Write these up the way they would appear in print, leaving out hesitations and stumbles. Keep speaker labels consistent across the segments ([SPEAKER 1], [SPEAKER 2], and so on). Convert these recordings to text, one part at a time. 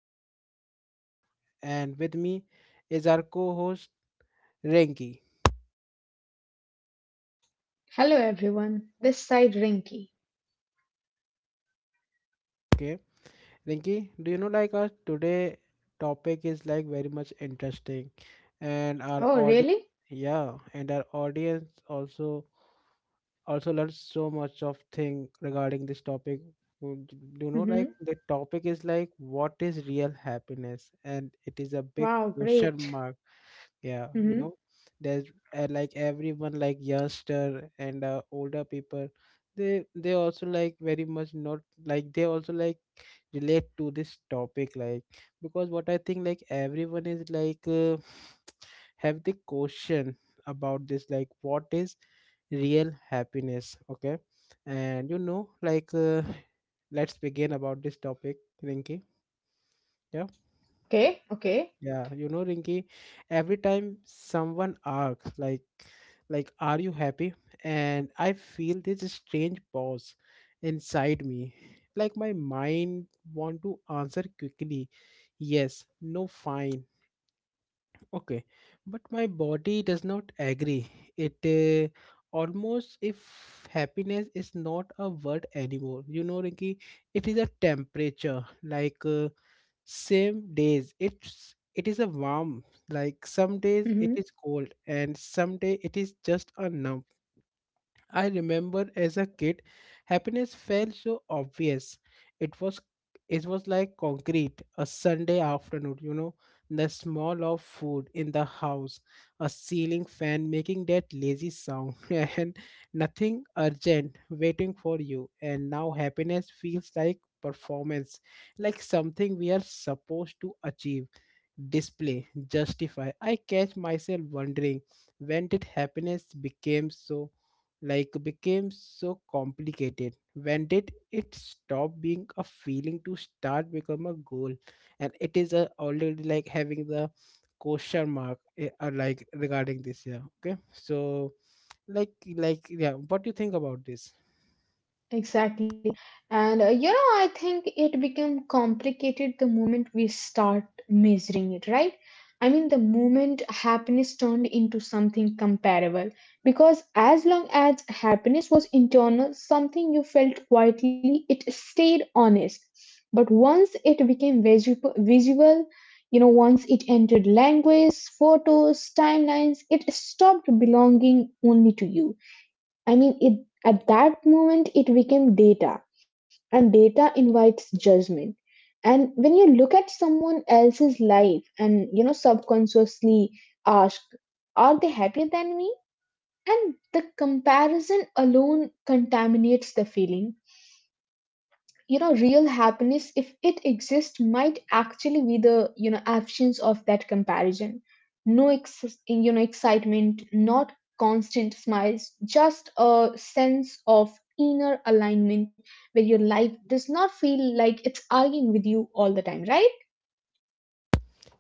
[SPEAKER 1] your host Satyam, and with me is our co-host Rinki.
[SPEAKER 2] Hello everyone. This side Rinky.
[SPEAKER 1] Okay, Rinki, do you know like our today topic is like very much interesting, and our
[SPEAKER 2] Oh,
[SPEAKER 1] audience,
[SPEAKER 2] really?
[SPEAKER 1] yeah, and our audience also learned so much of thing regarding this topic. Would- Do you know like
[SPEAKER 2] Mhm.
[SPEAKER 1] the topic is like what is real happiness, and it is a big
[SPEAKER 2] Wow,
[SPEAKER 1] question
[SPEAKER 2] great.
[SPEAKER 1] mark, yeah,
[SPEAKER 2] Mhm.
[SPEAKER 1] there's like everyone like youngster and older people they also like very much not like they also like relate to this topic like because what I think like everyone is like have the question about this like what is real happiness. Okay, and like let's begin about this topic, Rinki. Yeah.
[SPEAKER 2] Okay, okay.
[SPEAKER 1] Yeah, you know, Rinky, every time someone asks, like, are you happy? And I feel this strange pause inside me. Like my mind want to answer quickly, yes, no, fine, okay. But my body does not agree. It almost if happiness is not a word anymore. You know, Rinky, it is a temperature. Like same days. It is a warm. Like some days it is cold and some day it is just a numb. I remember as a kid, happiness felt so obvious. It was it was like concrete. A Sunday afternoon, you know, the smell of food in the house, a ceiling fan making that lazy sound, and nothing urgent waiting for you. And now happiness feels like performance, like something we are supposed to achieve, display, justify. I catch myself wondering when did happiness became so complicated? When did it stop being a feeling to start become a goal? And it is already like having the question mark like regarding this, yeah. Okay, so like yeah, what do you think about this?
[SPEAKER 2] Mhm. And you know, I think it became complicated the moment we start measuring it, right? I mean, the moment happiness turned into something comparable, because as long as happiness was internal, something you felt quietly, it stayed honest. But once it became visual, you know, once it entered language, photos, timelines, it stopped belonging only to you. I mean, at that moment, it became data, and data invites judgment. And when you look at someone else's life and, you know, subconsciously ask, are they happier than me? And the comparison alone contaminates the feeling. You know, real happiness, if it exists, might actually be the, you know, absence of that comparison, no ex- you know, excitement, not constant smiles, just a sense of inner alignment where your life does not feel like it's arguing with you all the time, right?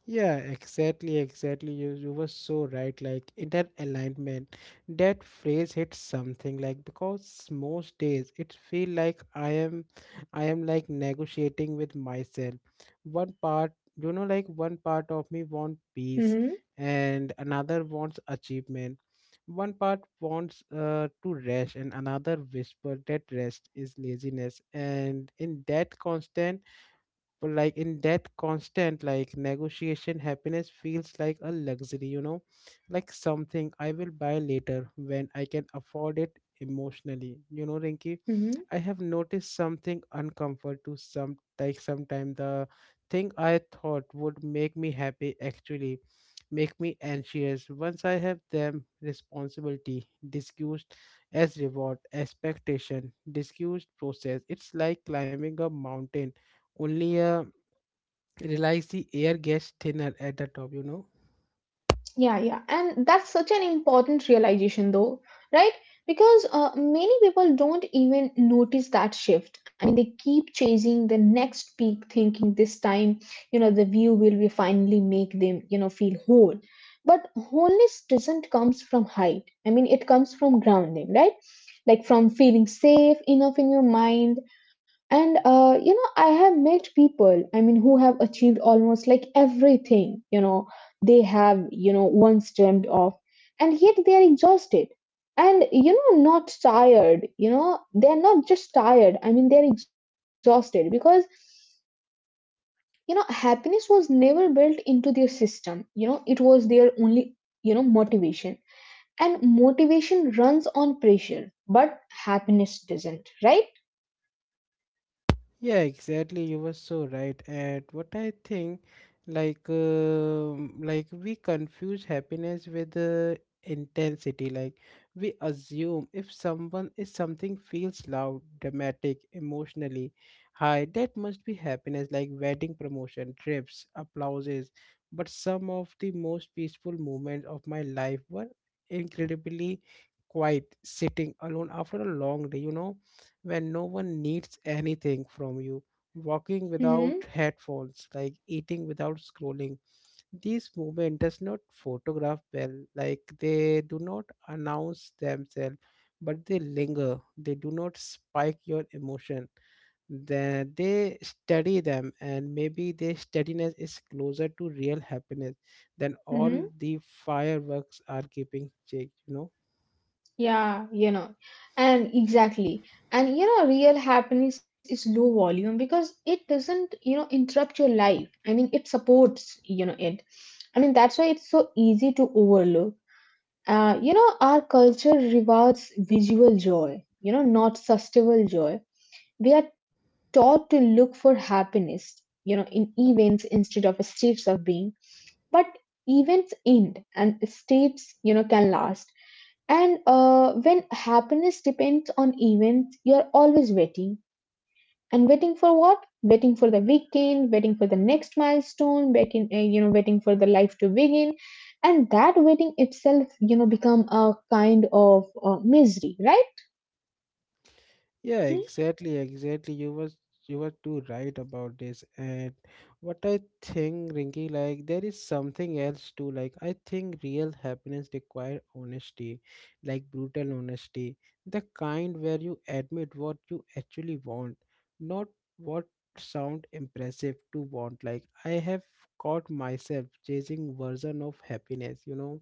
[SPEAKER 1] Yeah, exactly, exactly. You were so right. Like inner alignment, that phrase hits something like because most days it feel like I am like negotiating with myself. One part, you know, like one part of me want peace
[SPEAKER 2] Mhm.
[SPEAKER 1] and another wants achievement. One part wants to rest and another whisper that rest is laziness. And in that constant, but like in that constant like negotiation happiness feels like a luxury, you know, like something I
[SPEAKER 2] Mhm.
[SPEAKER 1] will buy later when I can afford it emotionally, you know, Rinky.
[SPEAKER 2] Mhm.
[SPEAKER 1] I have noticed something uncomfort to some like sometime the thing I thought would make me happy actually make me anxious once I have them, responsibility discussed as reward, expectation discussed process. It's like climbing a mountain, only a realize the air gets thinner at the top, you know.
[SPEAKER 2] Yeah, yeah. And that's such an important realization, though, right? Because many people don't even notice that shift. I mean, they keep chasing the next peak, thinking this time, you know, the view will be finally make them, you know, feel whole. But wholeness doesn't comes from height. I mean, it comes from grounding, right? Like from feeling safe enough in your mind. And you know, I have met people, I mean, who have achieved almost like everything, you know, they have, you know, once dreamed of, and yet they are exhausted. And you know, not tired, you know, they're not just tired, I mean, they're exhausted because, you know, happiness was never built into their system. You know, it was their only, you know, motivation. And motivation runs on pressure, but happiness doesn't, right?
[SPEAKER 1] Yeah, exactly. You were so right. And what I think, like, we confuse happiness with intensity. Like, we assume if someone is something feels loud, dramatic, emotionally high, that must be happiness. Like wedding promotion, trips, applauses. But some of the most peaceful moments of my life were incredibly quiet, sitting alone after a long day. You know, when no one needs anything from you, walking without
[SPEAKER 2] Mm-hmm.
[SPEAKER 1] headphones, like eating without scrolling. These movement does not photograph well, like they do not announce themselves, but they linger. They do not spike your emotion, then they study them and maybe their steadiness is closer to real happiness than all the fireworks are keeping check, you know.
[SPEAKER 2] Yeah, you know, and exactly. And you know, real happiness is low volume because it doesn't, you know, interrupt your life. I mean, it supports, you know, it. I mean, that's why it's so easy to overlook. You know, our culture rewards visual joy, you know, not sustainable joy. We are taught to look for happiness, you know, in events instead of states of being, but events end and states, you know, can last. And when happiness depends on events, you're always waiting. And waiting for what? Waiting for the weekend, waiting for the next milestone, waiting, you know, waiting for the life to begin. And that waiting itself, you know, become a kind of misery, right?
[SPEAKER 1] Yeah, exactly, exactly. You was you were too right about this. And what I think, Rinky, like there is something else too. Like I think real happiness require honesty, like brutal honesty, the kind where you admit what you actually want, not what sound impressive to want. Like I have caught myself chasing version of happiness, you know,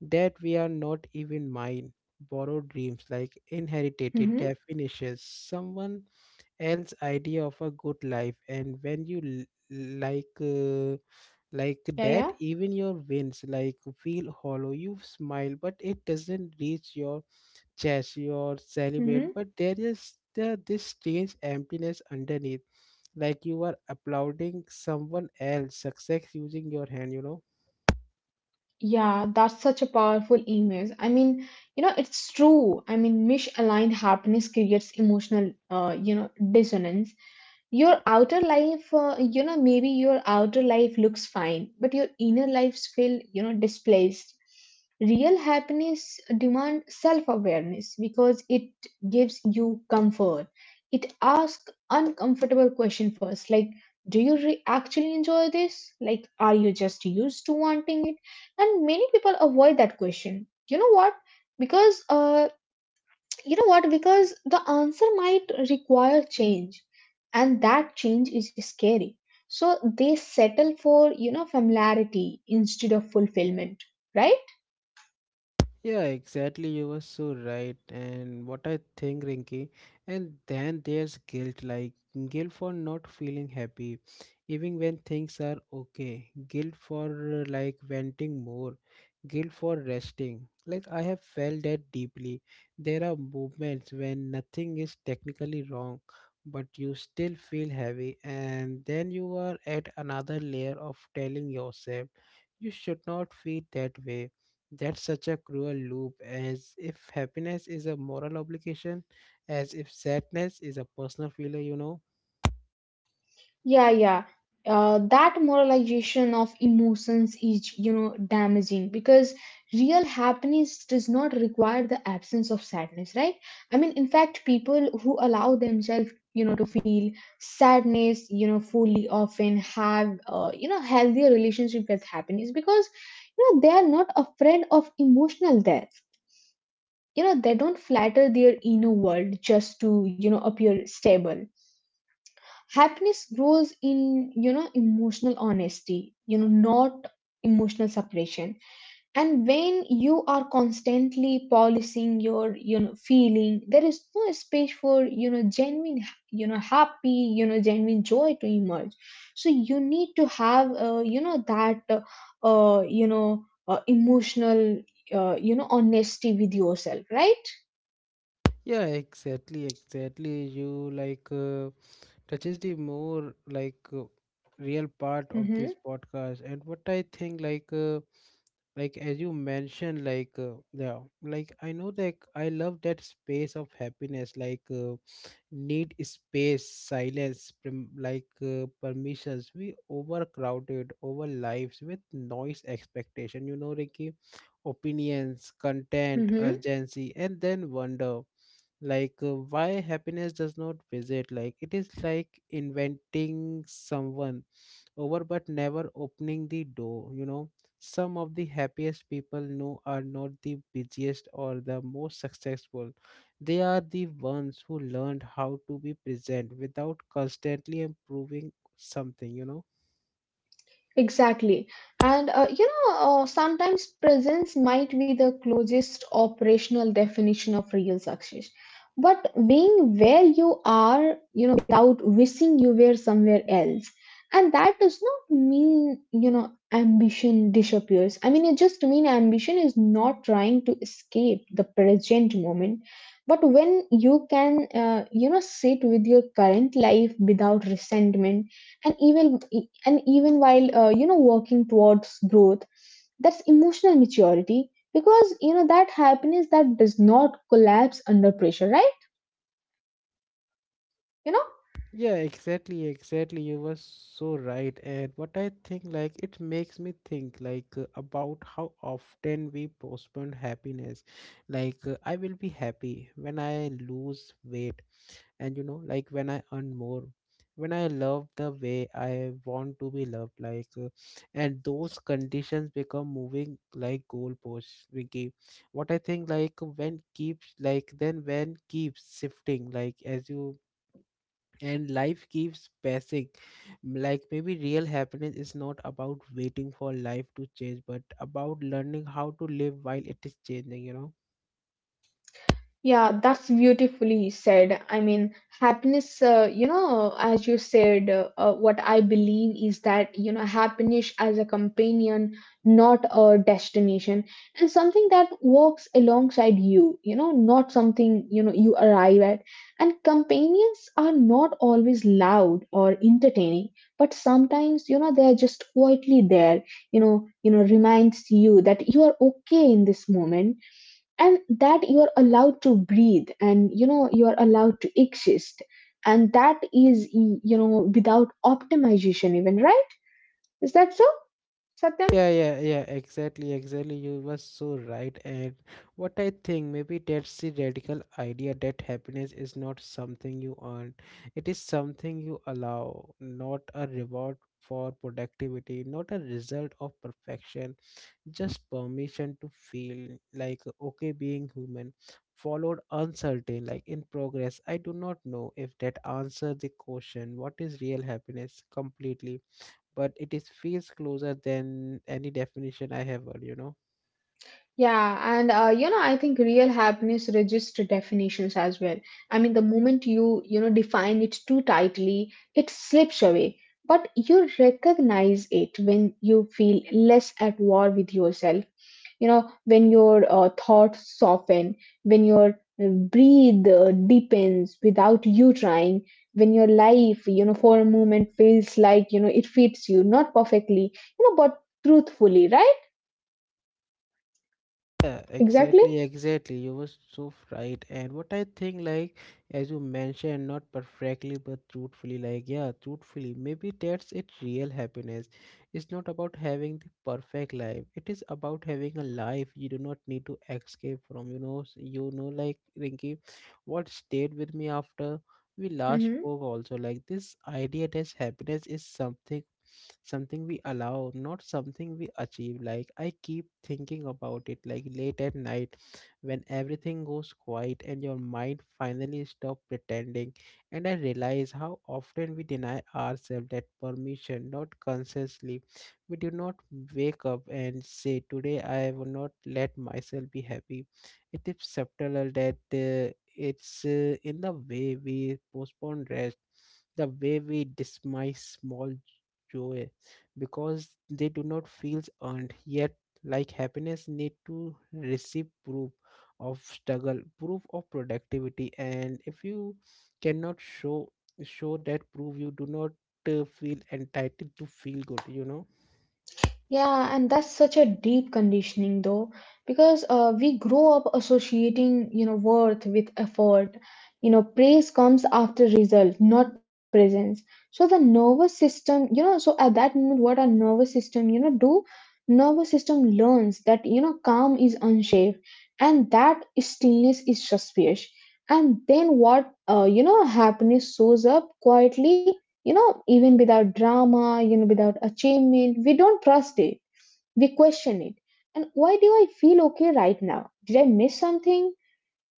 [SPEAKER 1] that we are not even mine, borrowed dreams like inherited
[SPEAKER 2] Mm-hmm.
[SPEAKER 1] definitions, someone else idea of a good life. And when you l- like uh, like
[SPEAKER 2] Yeah, yeah.
[SPEAKER 1] that even your wins like feel hollow. You smile but it doesn't reach your chest, your celebrate
[SPEAKER 2] Mhm.
[SPEAKER 1] but there is this strange emptiness underneath, like you are applauding someone else success using your hand, you know.
[SPEAKER 2] Yeah, that's such a powerful image. I mean, you know, it's true. I mean, misaligned happiness creates emotional, you know, dissonance. Your outer life, you know, maybe your outer life looks fine, but your inner lives feel, you know, displaced. Real happiness demands self-awareness because it gives you comfort. It asks uncomfortable question first, like, do you actually enjoy this? Like, are you just used to wanting it? And many people avoid that question, you know what, because you know what, because the answer might require change, and that change is scary, so they settle for, you know, familiarity instead of fulfillment, right?
[SPEAKER 1] Yeah, exactly. You were so right. And what I think, Rinky, and then there's guilt, like guilt for not feeling happy, even when things are okay, guilt for like venting more, guilt for resting. Like, I have felt that deeply. There are moments when nothing is technically wrong, but you still feel heavy, and then you are at another layer of telling yourself you should not feel that way. That's such a cruel loop, as if happiness is a moral obligation, as if sadness is a personal failure, you know.
[SPEAKER 2] Yeah, yeah. That moralization of emotions is, you know, damaging because real happiness does not require the absence of sadness, right? I mean, in fact, people who allow themselves, you know, to feel sadness, you know, fully often have, you know, healthier relationship with happiness because, you know, they are not afraid of emotional death. You know, they don't flatter their inner world just to, you know, appear stable. Happiness grows in, you know, emotional honesty, you know, not emotional separation. And when you are constantly policing your, you know, feeling, there is no space for, you know, genuine, you know, happy, you know, genuine joy to emerge. So you need to have you know, that you know, emotional, you know, honesty with yourself, right?
[SPEAKER 1] Yeah, exactly, exactly. You like touches the more like real part of this
[SPEAKER 2] Mm-hmm.
[SPEAKER 1] podcast, and what I think like as you mentioned, like yeah, like I know that I love that space of happiness, like. Need space, silence, permissions. We overcrowded our lives with noise, expectation, you know, Ricky, opinions, content,
[SPEAKER 2] Mm-hmm.
[SPEAKER 1] urgency, and then wonder like why happiness does not visit, like it is like inventing someone over but never opening the door, you know. Some of the happiest people know are not the busiest or the most successful. They are the ones who learned how to be present without constantly improving something, you know.
[SPEAKER 2] Exactly. And you know, sometimes presence might be the closest operational definition of real success. But being where you are, you know, without wishing you were somewhere else. And that does not mean, you know, ambition disappears. I mean, it just mean ambition is not trying to escape the present moment. But when you can, you know, sit with your current life without resentment, and even while you know, working towards growth, that's emotional maturity because you know that happiness that does not collapse under pressure, right? You know.
[SPEAKER 1] Yeah, exactly, exactly. You were so right. And what I think, like it makes me think, like about how often we postpone happiness, like I will be happy when I lose weight, and you know, like when I earn more, when I love the way I want to be loved, like and those conditions become moving like goalposts, Ricky. What I think, like when keeps like then when keeps shifting, like as you, and life keeps passing, like maybe real happiness is not about waiting for life to change but about learning how to live while it is changing, you know.
[SPEAKER 2] Yeah, that's beautifully said. I mean, happiness, you know, as you said, what I believe is that, you know, happiness as a companion, not a destination, and something that works alongside you, you know, not something, you know, you arrive at. And companions are not always loud or entertaining, but sometimes, you know, they're just quietly there, you know, reminds you that you are okay in this moment and that you are allowed to breathe, and you know, you are allowed to exist. And that is you know, without optimization even, right? Is that so, Satyam?
[SPEAKER 1] Yeah, yeah, yeah, exactly, exactly. You were so right. And what I think, maybe that's the radical idea, that happiness is not something you earn, it is something you allow, not a reward for productivity, not a result of perfection, just permission to feel like okay being human, followed uncertain, like in progress. I do not know if that answers the question, what is real happiness completely, but it is feels closer than any definition I have heard, you know.
[SPEAKER 2] Yeah, and you know, I think real happiness register definitions as well. I mean, the moment you, you know, define it too tightly, it slips away. But you recognize it when you feel less at war with yourself. You know, when your thoughts soften, when your breathe deepens without you trying, when your life, you know, for a moment feels like, you know, it fits you, not perfectly, you know, but truthfully, right?
[SPEAKER 1] Yeah,
[SPEAKER 2] Exactly.
[SPEAKER 1] exactly, exactly. You were so right. And what I think, like, as you mentioned, not perfectly, but truthfully, like, yeah, truthfully, maybe that's it. Real happiness, it's not about having the perfect life. It is about having a life you do not need to escape from. You know, s- you know, like Rinky, what stayed with me after we last
[SPEAKER 2] Hmm.
[SPEAKER 1] spoke also, like this idea that happiness is something we allow, not something we achieve. Like I keep thinking about it like late at night when everything goes quiet and your mind finally stop pretending. And I realize how often we deny ourselves that permission, not consciously. We do not wake up and say today I will not let myself be happy. It is subtle, that it's in the way we postpone rest, the way we dismiss small joy because they do not feel earned yet, like happiness need to receive proof of struggle, proof of productivity. And if you cannot show that proof, you do not feel entitled to feel good, you know.
[SPEAKER 2] Yeah, and that's such a deep conditioning though, because we grow up associating, you know, worth with effort. You know, praise comes after result, not presence. So the nervous system, you know, so at that moment, what our nervous system, you know, do, nervous system learns that, you know, calm is unsafe and that stillness is suspicious. And then what, you know, happiness shows up quietly, you know, even without drama, you know, without achievement, we don't trust it, we question it. And why do I feel okay right now? Did I miss something?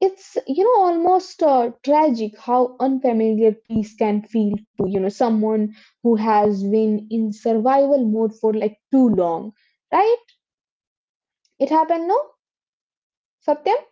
[SPEAKER 2] It's, you know, almost tragic how unfamiliar peace can feel to, you know, someone who has been in survival mode for like too long, right? It happened, no, Satyam?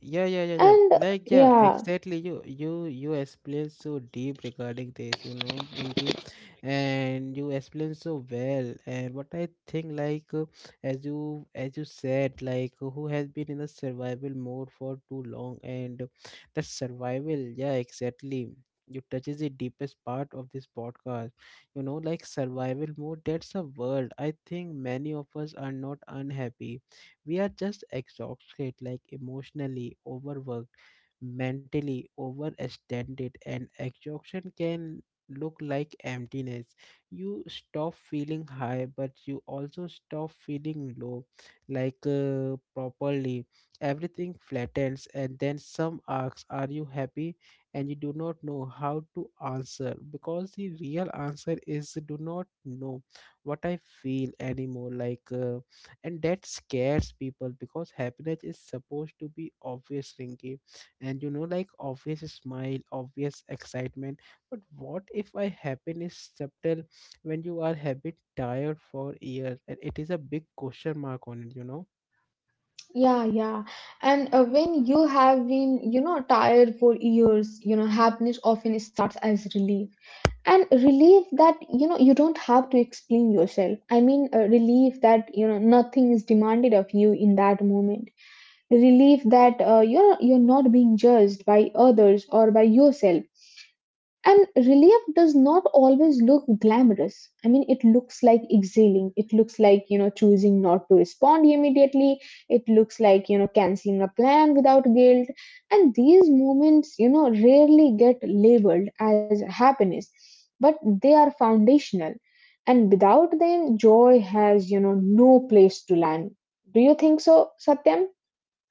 [SPEAKER 1] Yeah, yeah, yeah, yeah.
[SPEAKER 2] And
[SPEAKER 1] Like, yeah,
[SPEAKER 2] yeah.
[SPEAKER 1] exactly. You explain so deep regarding this, you know, Rinky, and you explain so well. And what I think, like, as you said, like, who has been in the survival mode for too long, and that survival, yeah, exactly. You touches the deepest part of this podcast. You know, like survival mode. That's a world. I think many of us are not unhappy, we are just exhausted, like emotionally overworked, mentally overextended. And exhaustion can look like emptiness. You stop feeling high but you also stop feeling low, like properly. Everything flattens and then some asks, are you happy? And you do not know how to answer because the real answer is, do not know what I feel anymore, like and that scares people because happiness is supposed to be obvious, Rinky. And you know like obvious smile, obvious excitement, but what if I happen is subtle, when you are habit tired for years, and it is a big question mark on it, you know.
[SPEAKER 2] Yeah, yeah. And when you have been, you know, tired for years, you know, happiness often starts as relief. And relief that, you know, you don't have to explain yourself. I mean, relief that, you know, nothing is demanded of you in that moment. Relief that you're not being judged by others or by yourself. And relief does not always look glamorous. I mean, it looks like exhaling. It looks like, you know, choosing not to respond immediately, it looks like, you know, canceling a plan without guilt. And these moments, you know, rarely get labeled as happiness, but they are foundational, and without them joy has, you know, no place to land. Do you think so, Satyam?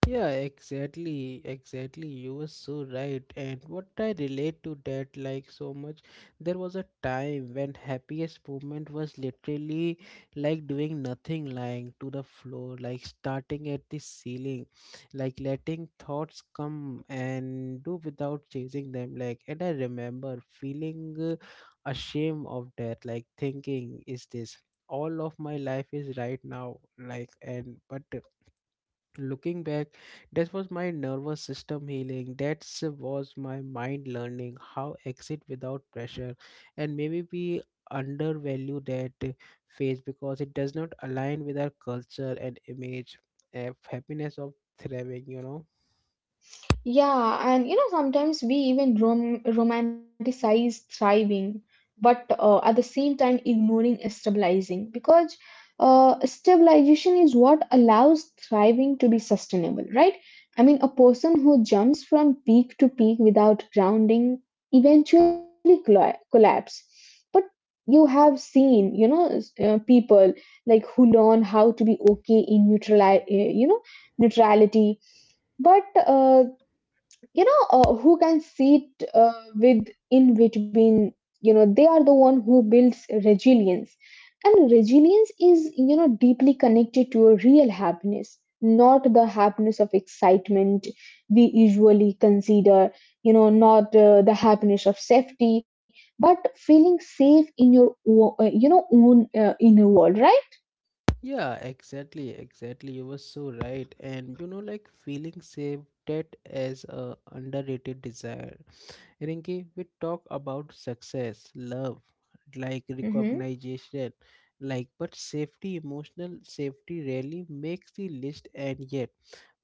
[SPEAKER 1] Yeah, exactly, exactly. You were so right. And what I relate to that like so much, there was a time when happiest moment was literally like doing nothing, lying to the floor, like starting at the ceiling, like letting thoughts come and do without chasing them. Like, and I remember feeling ashamed of that, like thinking, is this all of my life is right now? Like, and but looking back, that was my nervous system healing. That was my mind learning how exit without pressure. And maybe we undervalue that phase because it does not align with our culture and image of happiness, of thriving, you know
[SPEAKER 2] Yeah, and you know, sometimes we even romanticize thriving, but at the same time ignoring stabilizing because stabilization is what allows thriving to be sustainable, right? I mean, a person who jumps from peak to peak without grounding eventually collapse. But you have seen, you know, people like who learn how to be okay in you know, neutrality, but you know, who can sit with in between, you know, they are the one who builds resilience. Resilience is, you know, deeply connected to a real happiness, not the happiness of excitement we usually consider, you know, not the happiness of safety, but feeling safe in your, you know, own inner world, right?
[SPEAKER 1] yeah exactly, exactly. You were so right. And you know, like feeling safe, that as a underrated desire, Rinki. We talk about success, love, like
[SPEAKER 2] Mm-hmm.
[SPEAKER 1] recognition, like but safety, emotional safety rarely makes the list, and yet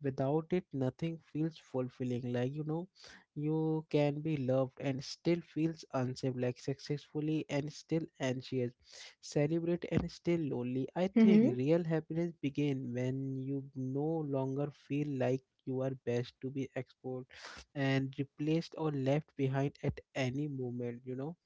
[SPEAKER 1] without it nothing feels fulfilling. Like you know, you can be loved and still feels unsafe, like successfully and still anxious, celebrate and still lonely. I think
[SPEAKER 2] Mm-hmm.
[SPEAKER 1] real happiness begin when you no longer feel like you are best to be exposed and replaced or left behind at any moment, you know?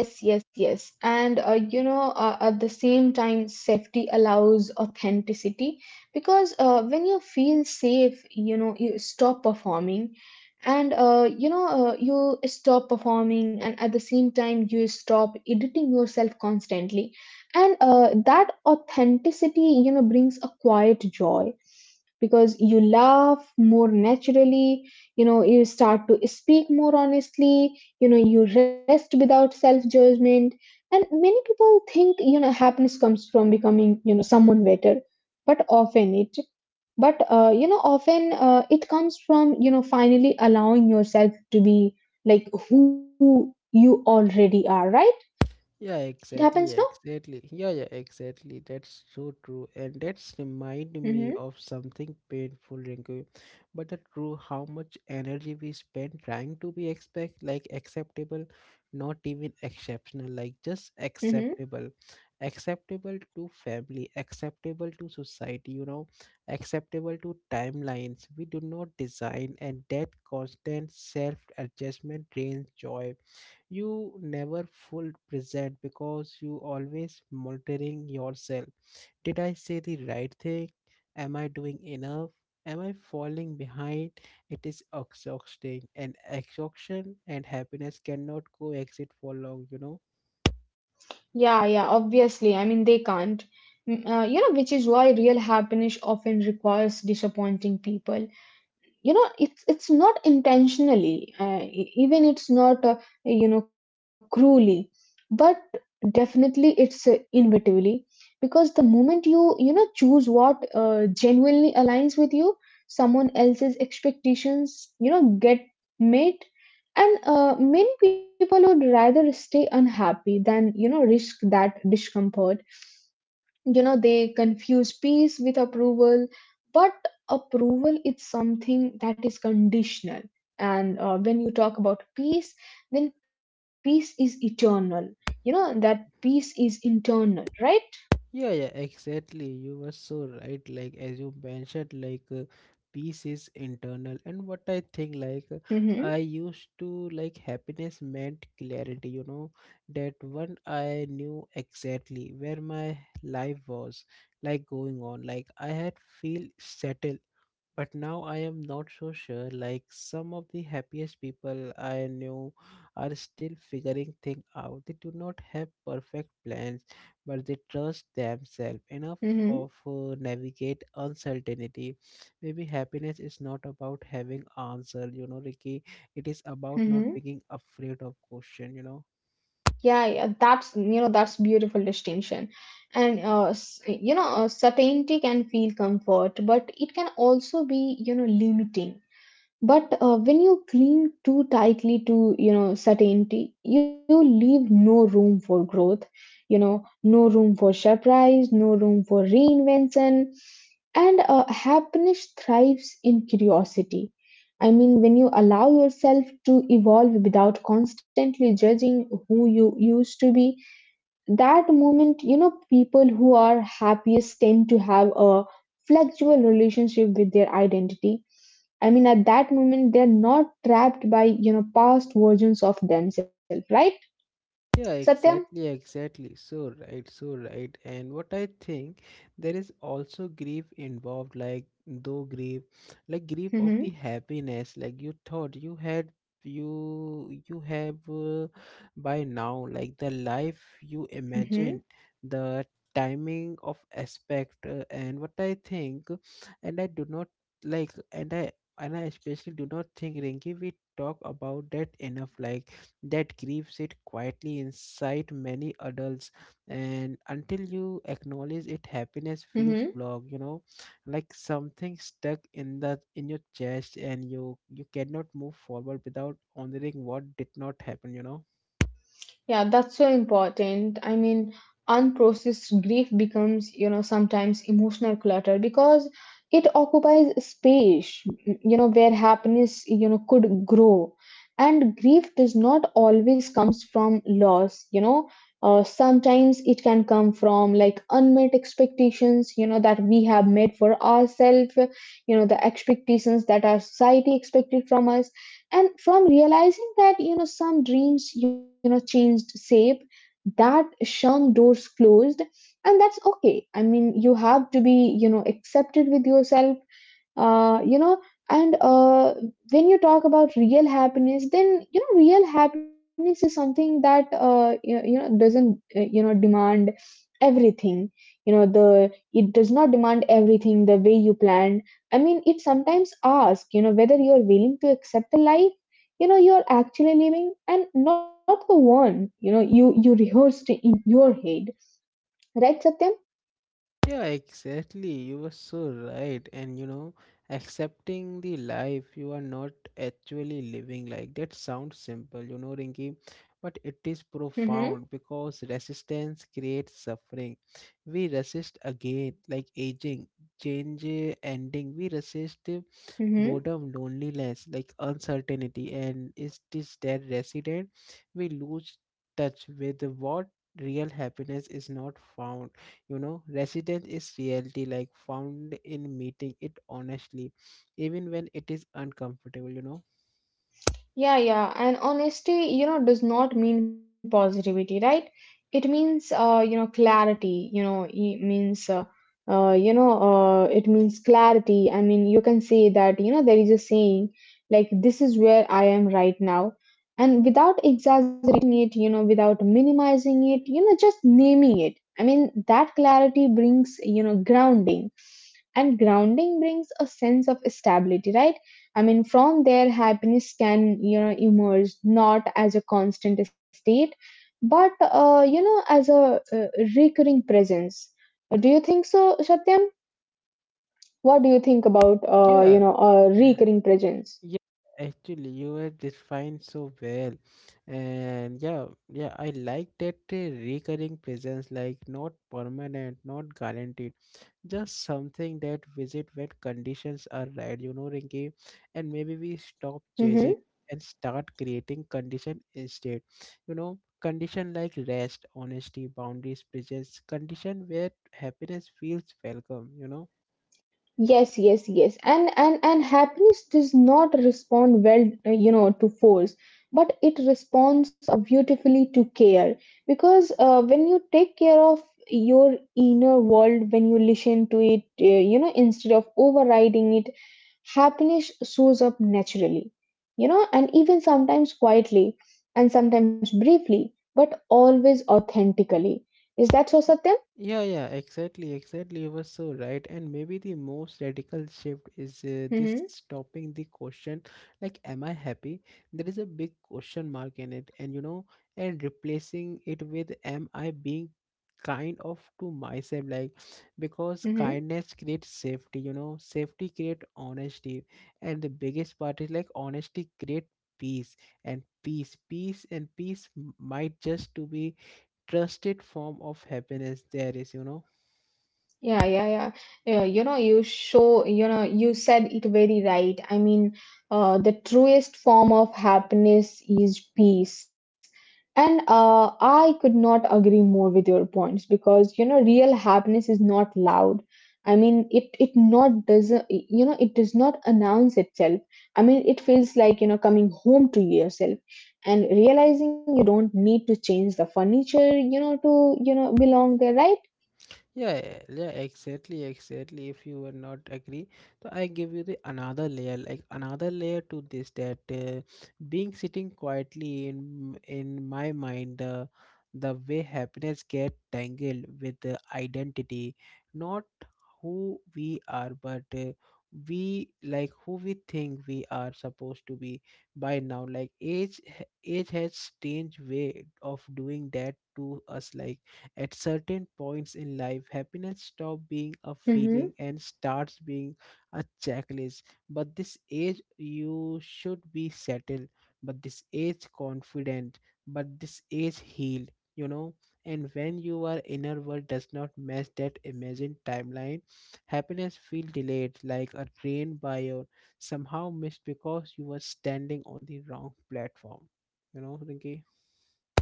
[SPEAKER 2] Yes, yes, yes. And you know, at the same time, safety allows authenticity because when you feel safe, you know, you stop performing. And you know, you stop performing, and at the same time, you stop editing yourself constantly. And that authenticity, you know, brings a quiet joy because you laugh more naturally, you know, you start to speak more honestly, you know, you rest without self judgment. And many people think, you know, happiness comes from becoming, you know, someone better, but often it, but you know, often it comes from, you know, finally allowing yourself to be like who you already are, right?
[SPEAKER 1] Yeah,
[SPEAKER 2] It
[SPEAKER 1] exactly,
[SPEAKER 2] happens, no?
[SPEAKER 1] exactly. Yeah, yeah, exactly. That's so true. And that's remind me of
[SPEAKER 2] Mm-hmm,
[SPEAKER 1] something painful, Rinku. But the true how much energy we spend trying to be expect like acceptable, not even exceptional, like just
[SPEAKER 2] mm-hmm.
[SPEAKER 1] acceptable. Acceptable to family, acceptable to society, you know, acceptable to timelines. We do not design, and that constant self adjustment drains joy. You never full present because you always monitoring yourself. Did I say the right thing? Am I doing enough? Am I falling behind? It is exhausting, and exhaustion and happiness cannot coexist for long, you know?
[SPEAKER 2] Yeah, yeah, obviously. I mean, they can't. Which is why real happiness often requires disappointing people. You know, it's not intentionally, even it's not, you know, cruelly, but definitely it's, inevitably, because the moment you, you know, choose what genuinely aligns with you, someone else's expectations, you know, get met. And many people would rather stay unhappy than, you know, risk that discomfort. You know, they confuse peace with approval. But approval is something that is conditional. And when you talk about peace, then peace is eternal. You know that peace is internal, right?
[SPEAKER 1] Yeah, yeah, exactly. You were so right. Like as you mentioned, like peace is internal, and what I think, like
[SPEAKER 2] Mm-hmm,
[SPEAKER 1] I used to like happiness meant clarity. You know, that one I knew exactly where my life was like going on. Like I had feel settled, but now I am not so sure. Like some of the happiest people I knew are still figuring things out. They do not have perfect plans, but they trust themselves enough
[SPEAKER 2] mm-hmm,
[SPEAKER 1] of navigate uncertainty. Maybe happiness is not about having answer, you know, Ricky. It is about not
[SPEAKER 2] mm-hmm.
[SPEAKER 1] being afraid of question, you know.
[SPEAKER 2] Yeah, yeah, that's, you know, that's beautiful distinction. And certainty can feel comfort, but it can also be, you know, limiting. But when you cling too tightly to, you know, certainty, you leave no room for growth. You know, no room for surprise, no room for reinvention. And happiness thrives in curiosity. I mean, when you allow yourself to evolve without constantly judging who you used to be, that moment, you know, people who are happiest tend to have a flexible relationship with their identity. I mean, at that moment, they're not trapped by, you know, past versions of themselves, right,
[SPEAKER 1] Yeah,
[SPEAKER 2] Satyam?
[SPEAKER 1] exactly, exactly. So right, so right. And what I think, there is also grief involved, like though grief, like grief of the
[SPEAKER 2] Mm-hmm.
[SPEAKER 1] happiness, like you thought you had, you have by now, like the life you
[SPEAKER 2] Mm-hmm.
[SPEAKER 1] imagined, the timing of aspect, and what I think, and I do not like, and I especially do not think, Rinki, we talk about that enough. Like that grief sit quietly inside many adults, and until you acknowledge it, happiness feels blocked, you know, like something stuck in the in your chest, and you cannot move forward without honoring what did not happen, you know.
[SPEAKER 2] Yeah, that's so important. I mean, unprocessed grief becomes, you know, sometimes emotional clutter, because it occupies space, you know, where happiness, you know, could grow. And grief does not always comes from loss, you know. Sometimes it can come from like unmet expectations, you know, that we have made for ourselves, you know, the expectations that our society expected from us, and from realizing that, you know, some dreams, you know, changed shape, that some doors closed. And that's okay. I mean, you have to be, you know, accepted with yourself. You know and When you talk about real happiness, then, you know, real happiness is something that, you, you know, doesn't, you know, demand everything. You know, the it does not demand everything the way you planned. I mean, it sometimes asks, you know, whether you are willing to accept the life, you know, you're actually living, and not the one, you know, you rehearsed in your head, right, Satyam?
[SPEAKER 1] Yeah, exactly. You were so right. And you know, accepting the life you are not actually living, like that sounds simple, you know, Rinki, but it is
[SPEAKER 2] Mm-hmm.
[SPEAKER 1] profound because resistance creates suffering. We resist again, like aging, change, ending. We resist boredom, loneliness, like uncertainty. And is this that resident? We lose touch with what real happiness is not found, you know. Residence is reality, like found in meeting it honestly, even when it is uncomfortable, you know.
[SPEAKER 2] Yeah, yeah. And honesty, you know, does not mean positivity, right? It means, you know, clarity, you know, it means, it means clarity. I mean, you can say that, you know, there is a saying like, this is where I am right now. And without exaggerating it, you know, without minimizing it, you know, just naming it. I mean, that clarity brings, you know, grounding. And grounding brings a sense of stability, right? I mean, from there, happiness can, you know, emerge, not as a constant state, but, you know, as a recurring presence. Do you think so, Satyam? What do you think about, you
[SPEAKER 1] Yeah,
[SPEAKER 2] know, a recurring presence?
[SPEAKER 1] yeah, actually, you were defined so well. And yeah, yeah, I like that recurring presence, like not permanent, not guaranteed, just something that visit when conditions are right, you know, Rinky. And maybe we stop chasing
[SPEAKER 2] Mm-hmm.
[SPEAKER 1] and start creating condition instead, you know. Condition like rest, honesty, boundaries, presence, condition where happiness feels welcome, you know.
[SPEAKER 2] Yes, yes, yes. And happiness does not respond well, you know, to force, but it responds beautifully to care. Because when you take care of your inner world, when you listen to it, you know, instead of overriding it, happiness shows up naturally, you know, and even sometimes quietly, and sometimes briefly, but always authentically. Is that so, Satyam?
[SPEAKER 1] Yeah, yeah, exactly, exactly. You were so right. And maybe the most radical shift is this
[SPEAKER 2] Hmm.
[SPEAKER 1] stopping the question, like, am I happy? There is a big question mark in it, and you know, and replacing it with, am I being kind of to myself? Like, because
[SPEAKER 2] Hmm.
[SPEAKER 1] kindness creates safety, you know, safety creates honesty. And the biggest part is like, honesty creates peace, and peace m- might just to be trusted form of happiness there is, you know.
[SPEAKER 2] Yeah, yeah, yeah. Yeah, you know, you said it very right. I mean, the truest form of happiness is peace. And I could not agree more with your points, because, you know, real happiness is not loud. I mean, it not doesn't, you know, it does not announce itself. I mean, it feels like, you know, coming home to yourself and realizing you don't need to change the furniture, you know, to, you know, belong there, right?
[SPEAKER 1] Yeah, yeah, exactly, exactly. If you were not agree, so I give you the another layer, like another layer to this, that being sitting quietly in my mind, the way happiness get tangled with the identity, not who we are, but we like who we think we are supposed to be by now. Like age, h- age has strange way of doing that to us, like at certain points in life, happiness stops being a
[SPEAKER 2] Hmm.
[SPEAKER 1] feeling and starts being a checklist. But this age, you should be settled. But this age, confident. But this age, healed. You know, and when your inner world does not match that imagined timeline, happiness feels delayed, like a train by your somehow missed because you were standing on the wrong platform. You know, Rinki?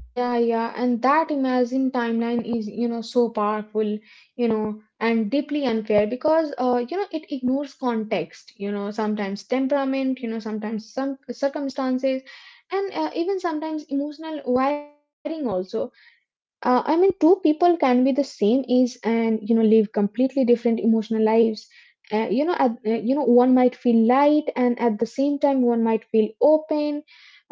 [SPEAKER 2] Yeah, yeah, and that imagined timeline is, you know, so powerful, you know, and deeply unfair, because, you know, it ignores context, you know, sometimes temperament, you know, sometimes some circumstances, and even sometimes emotional wiring also. I mean, two people can be the same age and, you know, live completely different emotional lives. You know, at, you know, one might feel light, and at the same time one might feel open,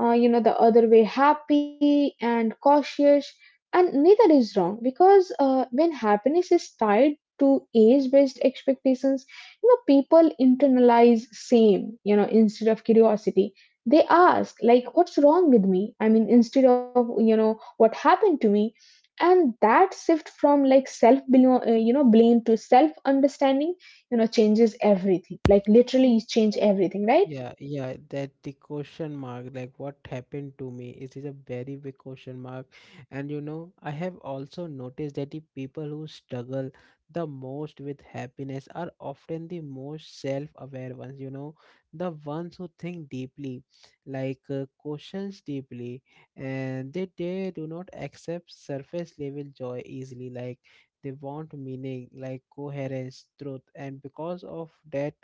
[SPEAKER 2] you know, the other way happy and cautious. And neither is wrong, because when happiness is tied to age based expectations, you know, people internalize same, you know, instead of curiosity, they ask like, what's wrong with me? I mean, instead of, you know, what happened to me? And that shift from like you know, blame to self understanding, you know, changes everything, like literally change everything,
[SPEAKER 1] Yeah, yeah, that the question mark, like what happened to me, it is a very big question mark. And you know, I have also noticed that the people who struggle the most with happiness are often the most self-aware ones, you know, the ones who think deeply, like questions deeply, and they do not accept surface level joy easily, like they want meaning, like coherence, truth, and because of that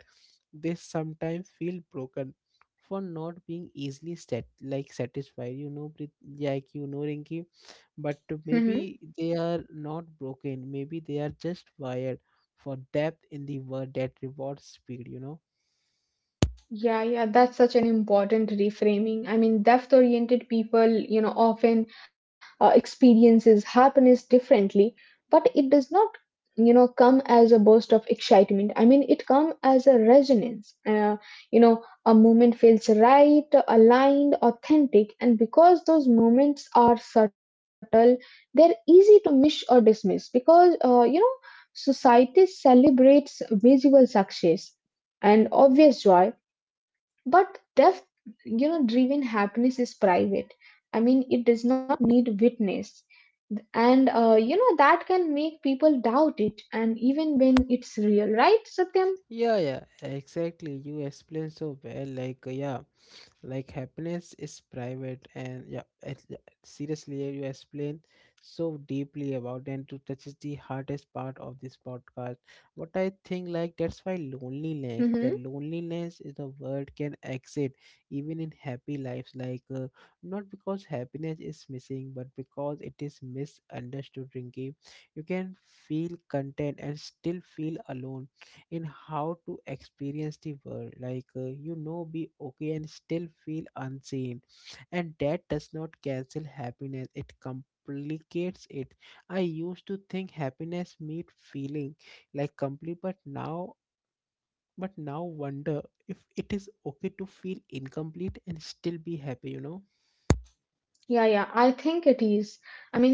[SPEAKER 1] they sometimes feel broken for not being easily set like satisfied, you know, Prit-, like you know, Rinki, but maybe
[SPEAKER 2] right?
[SPEAKER 1] they are not broken, maybe they are just wired for depth in the world that rewards speed, you know.
[SPEAKER 2] Yeah, yeah, that's such an important reframing. I mean, depth-oriented people, you know, often experiences happiness differently, but it does not, you know, come as a burst of excitement. I mean, it comes as a resonance. You know, a moment feels right, aligned, authentic, and because those moments are subtle, they're easy to miss or dismiss, because, you know, society celebrates visual success and obvious joy, but death, you know, driven happiness is private. I mean, it does not need witness. And, you know, that can make people doubt it, and even when it's real, right, Satyam?
[SPEAKER 1] Yeah, yeah, exactly. You explained so well. Like, yeah, like happiness is private, and yeah, it, yeah, seriously, yeah, you explained so deeply about and to touches the hardest part of this podcast. What I think, like, that's why loneliness, the
[SPEAKER 2] Mm-hmm.
[SPEAKER 1] loneliness is the word can exit even in happy lives. Like, not because happiness is missing, but because it is misunderstood. Rinky, you can feel content and still feel alone in how to experience the world, like you know, be okay and still feel unseen, and that does not cancel happiness, it complicates it. I used to think happiness meant feeling like complete, but now, but now wonder if it is okay to feel incomplete and still be happy, you know.
[SPEAKER 2] Yeah, yeah, I think it is.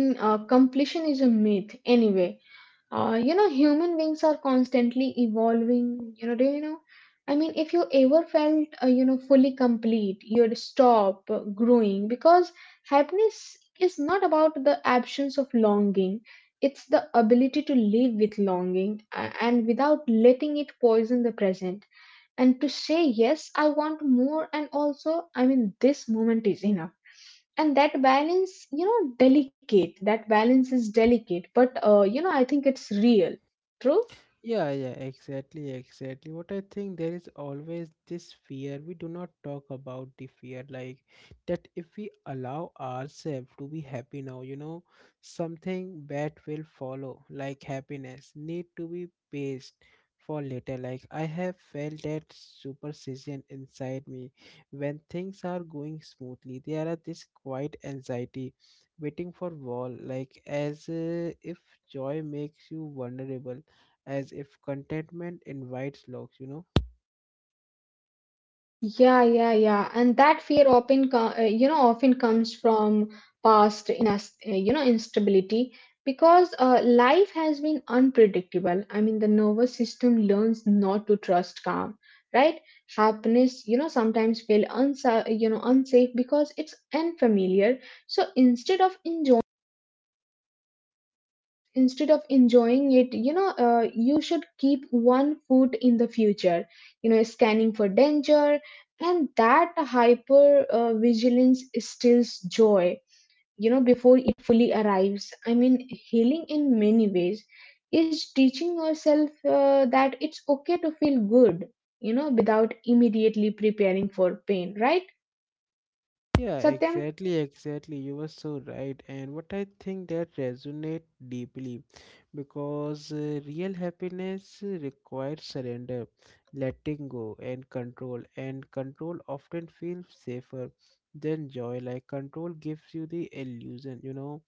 [SPEAKER 2] I mean, completion is a myth anyway. You know, human beings are constantly evolving. You know, do you know? I mean, if you ever felt, you know, fully complete, you'd stop growing, because happiness is not about the absence of longing. It's the ability to live with longing, and without letting it poison the present. And to say, yes, I want more, and also, I mean, this moment is enough. And that balance, you know, delicate, that balance is delicate, but, you know, I think it's real. True.
[SPEAKER 1] Yeah, yeah, exactly, exactly. What I think, there is always this fear. We do not talk about the fear, like that if we allow ourselves to be happy now, you know, something bad will follow, like happiness need to be paced for later. Like I have felt that superstition inside me when things are going smoothly. There are this quiet anxiety waiting for wall, like as if joy makes you vulnerable, as if contentment invites locks, you know?
[SPEAKER 2] Yeah, yeah, yeah, and that fear often you know, often comes from you know, instability, because life has been unpredictable. I mean, the nervous system learns not to trust calm, right? Happiness, you know, sometimes you know, unsafe because it's unfamiliar. So instead of enjoying it, you know, you should keep one foot in the future, you know, scanning for danger. And that hyper vigilance steals joy, you know, before it fully arrives. I mean, healing, in many ways, is teaching yourself that it's okay to feel good, you know, without immediately preparing for pain, right,
[SPEAKER 1] Yeah,
[SPEAKER 2] Satyam?
[SPEAKER 1] exactly, exactly. You were so right. And what I think, that resonate deeply because real happiness requires surrender, letting go, and control. And control often feels safer than joy. Like control gives you the illusion, you know,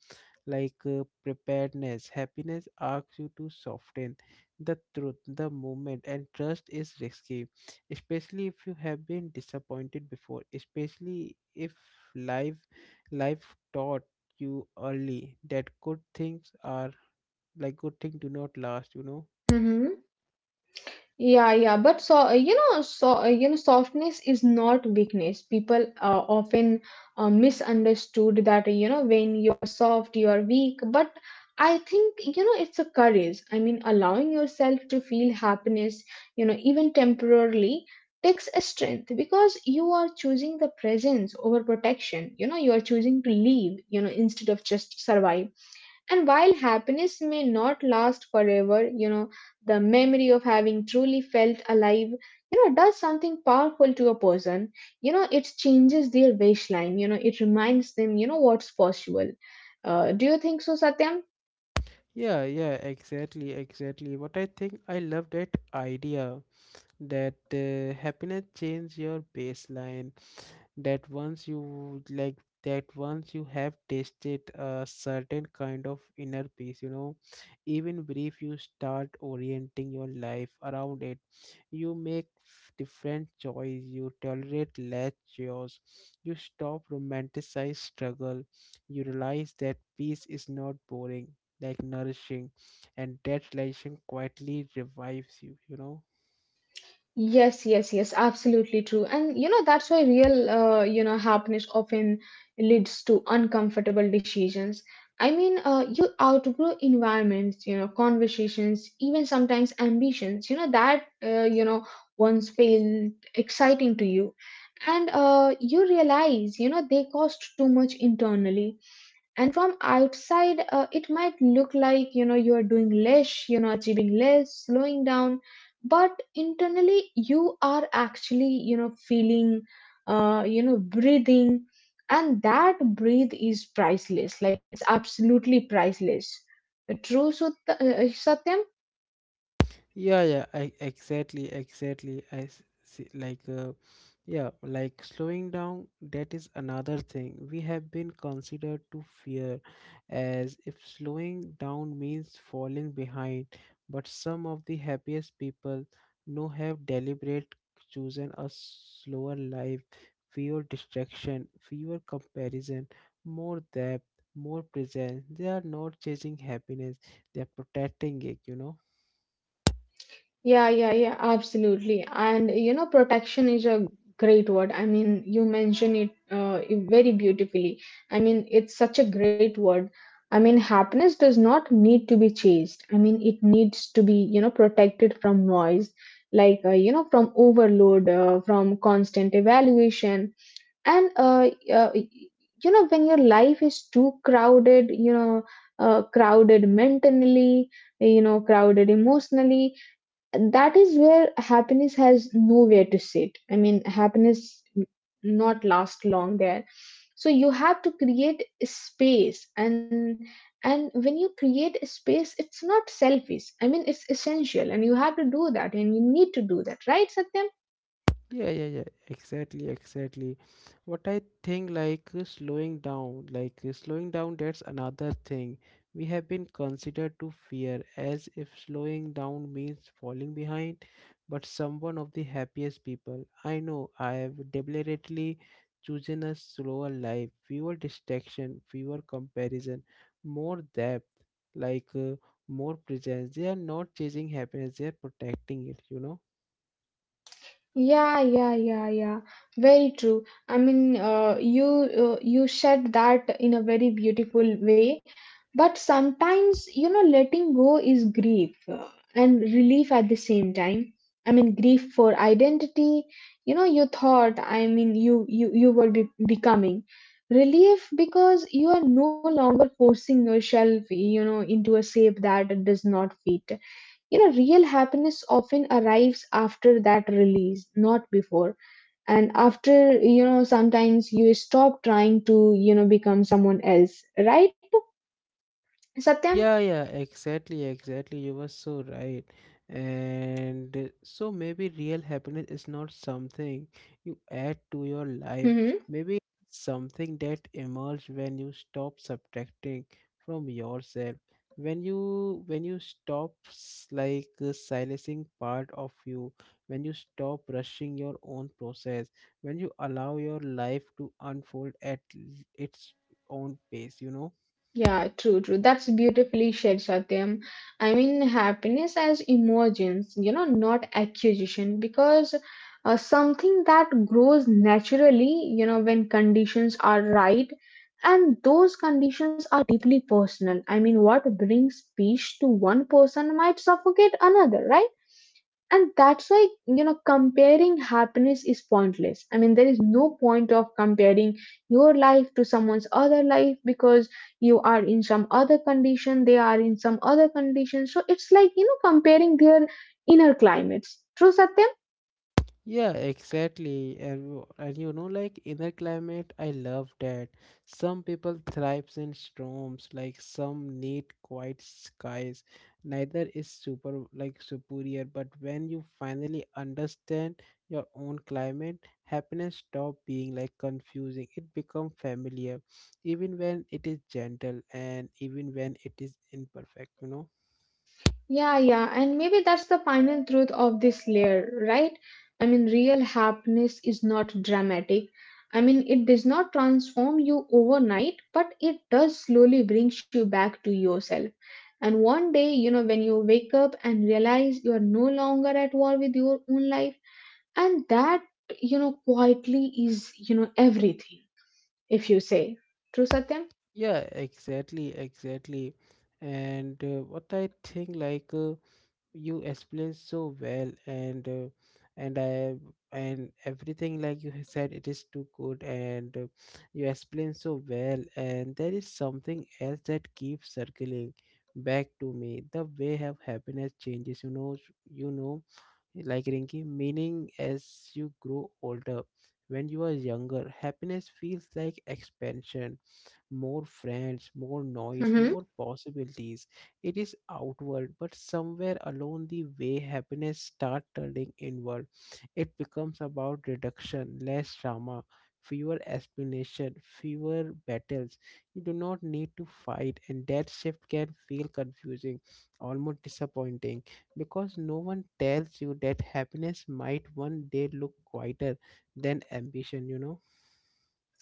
[SPEAKER 1] like preparedness. Happiness asks you to soften the truth, the moment, and trust is risky, especially if you have been disappointed before, especially if life life taught you early that good things are like good things do not last, you know.
[SPEAKER 2] Mm-hmm. Yeah, yeah, but so you know, so you know, softness is not weakness. People often, misunderstood that, you know, when you are soft, you are weak. But I think, you know, it's a courage. I mean, allowing yourself to feel happiness, you know, even temporarily, takes a strength, because you are choosing the presence over protection. You know, you are choosing to live, you know, instead of just survive. And while happiness may not last forever, you know, the memory of having truly felt alive, you know, does something powerful to a person. You know, it changes their baseline. You know, it reminds them, you know, what's possible. Do you think so, Satyam?
[SPEAKER 1] Yeah, yeah, exactly, exactly. What I think, I love that idea, that happiness changes your baseline. That once you like, that once you have tasted a certain kind of inner peace, you know, even brief, you start orienting your life around it. You make f- different choice, you tolerate less chaos, you stop romanticize struggle, you realize that peace is not boring, like nourishing, and that realization quietly revives you, you know.
[SPEAKER 2] Yes, yes, yes, absolutely true. And you know, that's why real, you know, happiness often leads to uncomfortable decisions. I mean, you outgrow environments, you know, conversations, even sometimes ambitions, you know, that, you know, once felt exciting to you. And you realize, you know, they cost too much internally. And from outside, it might look like, you know, you are doing less, you know, achieving less, slowing down, but internally you are actually, you know, feeling, you know, breathing. And that breathe is priceless, like it's absolutely priceless. True, Satyam?
[SPEAKER 1] Yeah, yeah, I, exactly, exactly. I s- see, like, yeah, like slowing down, that is another thing. We have been considered to fear as if slowing down means falling behind, but some of the happiest people know have deliberate chosen a slower life, fewer distraction, fewer comparison, more depth, more presence. They are not chasing happiness, they are protecting it, you know.
[SPEAKER 2] Yeah, yeah, yeah, absolutely. And you know, protection is a great word. I mean, you mention it very beautifully. I mean, it's such a great word. I mean, happiness does not need to be chased. I mean, it needs to be, you know, protected from noise, like, you know, from overload, from constant evaluation. And, you know, when your life is too crowded, you know, crowded mentally, you know, crowded emotionally, that is where happiness has nowhere to sit. I mean, happiness not last long there. So you have to create a space. And when you create a space, it's not selfish. I mean, it's essential, and you have to do that, and you need to do that, right, Satyam?
[SPEAKER 1] Yeah, yeah, yeah, exactly, exactly. What I think, like slowing down, like slowing down, that's another thing. We have been considered to fear as if slowing down means falling behind. But someone of the happiest people I know, I have deliberately chosen a slower life, fewer distraction, fewer comparison, more depth, like more presence. They are not chasing happiness, they are protecting it, you know.
[SPEAKER 2] Yeah, yeah, yeah, yeah. Very true. I mean, you said that in a very beautiful way. But sometimes, you know, letting go is grief and relief at the same time. I mean, grief for identity. You know, you thought, I mean, you were be becoming relief because you are no longer forcing yourself, you know, into a shape that does not fit. You know, real happiness often arrives after that release, not before. And after, you know, sometimes you stop trying to, you know, become someone else, right? Satyam?
[SPEAKER 1] Yeah, yeah, exactly, exactly. You were so right. And so maybe real happiness is not something you add to your life. Maybe it's something that emerges when you stop subtracting from yourself. When you stop s- like silencing part of you, when you stop rushing your own process, when you allow your life to unfold at l- its own pace, you know.
[SPEAKER 2] Yeah, true, true. That's beautifully said, Satyam. I mean, happiness as emergence, you know, not acquisition, because something that grows naturally, you know, when conditions are right, and those conditions are deeply personal. I mean, what brings peace to one person might suffocate another, right? And that's why, you know, comparing happiness is pointless. I mean, there is no point of comparing your life to someone's other life because you are in some other condition, they are in some other condition. So it's like, you know, comparing their inner climates. True, Satyam?
[SPEAKER 1] Yeah, exactly. And, w- and you know, like inner climate, I love that. Some people thrives in storms, like some need quiet skies. Neither is super like superior, but when you finally understand your own climate, happiness stop being like confusing. It become familiar, even when it is gentle and even when it is imperfect, you know?
[SPEAKER 2] Yeah, yeah, and maybe that's the final truth of this layer, right? I mean, real happiness is not dramatic. I mean, it does not transform you overnight, but it does slowly brings you back to yourself. And one day, you know, when you wake up and realize you are no longer at war with your own life, and that, you know, quietly is, you know, everything, if you say. True, Satyam?
[SPEAKER 1] Yeah, exactly, exactly. And what I think you explained so well and i and everything like you have said it is too good and you explained so well, and there is something else that keeps circling back to me the way have happiness changes, you know, like Rinky, meaning as you grow older. When you are younger, happiness feels like expansion, more friends, more
[SPEAKER 2] Hmm.
[SPEAKER 1] noise, more possibilities. It is outward, but somewhere along the way, happiness starts turning inward. It becomes about reduction, less drama, fewer explanation, fewer battles. You do not need to fight, and that shift can feel confusing, almost disappointing, because no one tells you that happiness might one day look quieter than ambition, you know.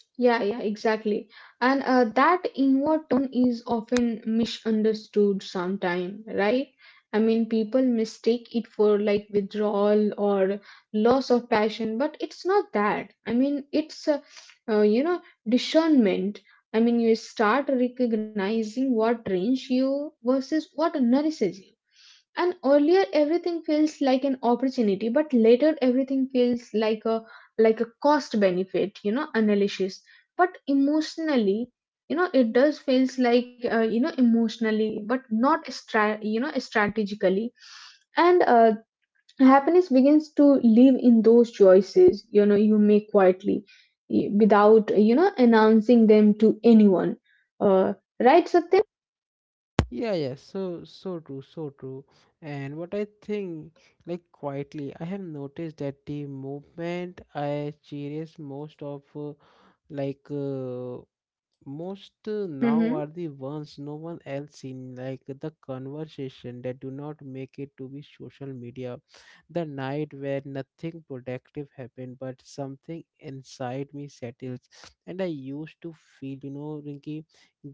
[SPEAKER 2] Yeah, yeah, exactly. And that inward turn is often misunderstood sometime, right? I mean, people mistake it for like withdrawal or loss of passion, but it's not that. I mean, it's, you know, discernment. I mean, you start recognizing what drains you versus what nourishes you. And earlier everything feels like an opportunity, but later everything feels like a cost benefit, you know, analysis, but emotionally, you know, it does feels like you know, emotionally but not you know, strategically. And happiness begins to live in those choices, you know, you make quietly, without, you know, announcing them to anyone. uh, right, Satyam?
[SPEAKER 1] Yeah, yeah, so true, so true. And what I think, like quietly, I have noticed that the movement I cherish most of, like most now
[SPEAKER 2] Mm-hmm.
[SPEAKER 1] are the ones no one else in like the conversation that do not make it to be social media, the night where nothing productive happened but something inside me settles. And I used to feel, you know, Rinky,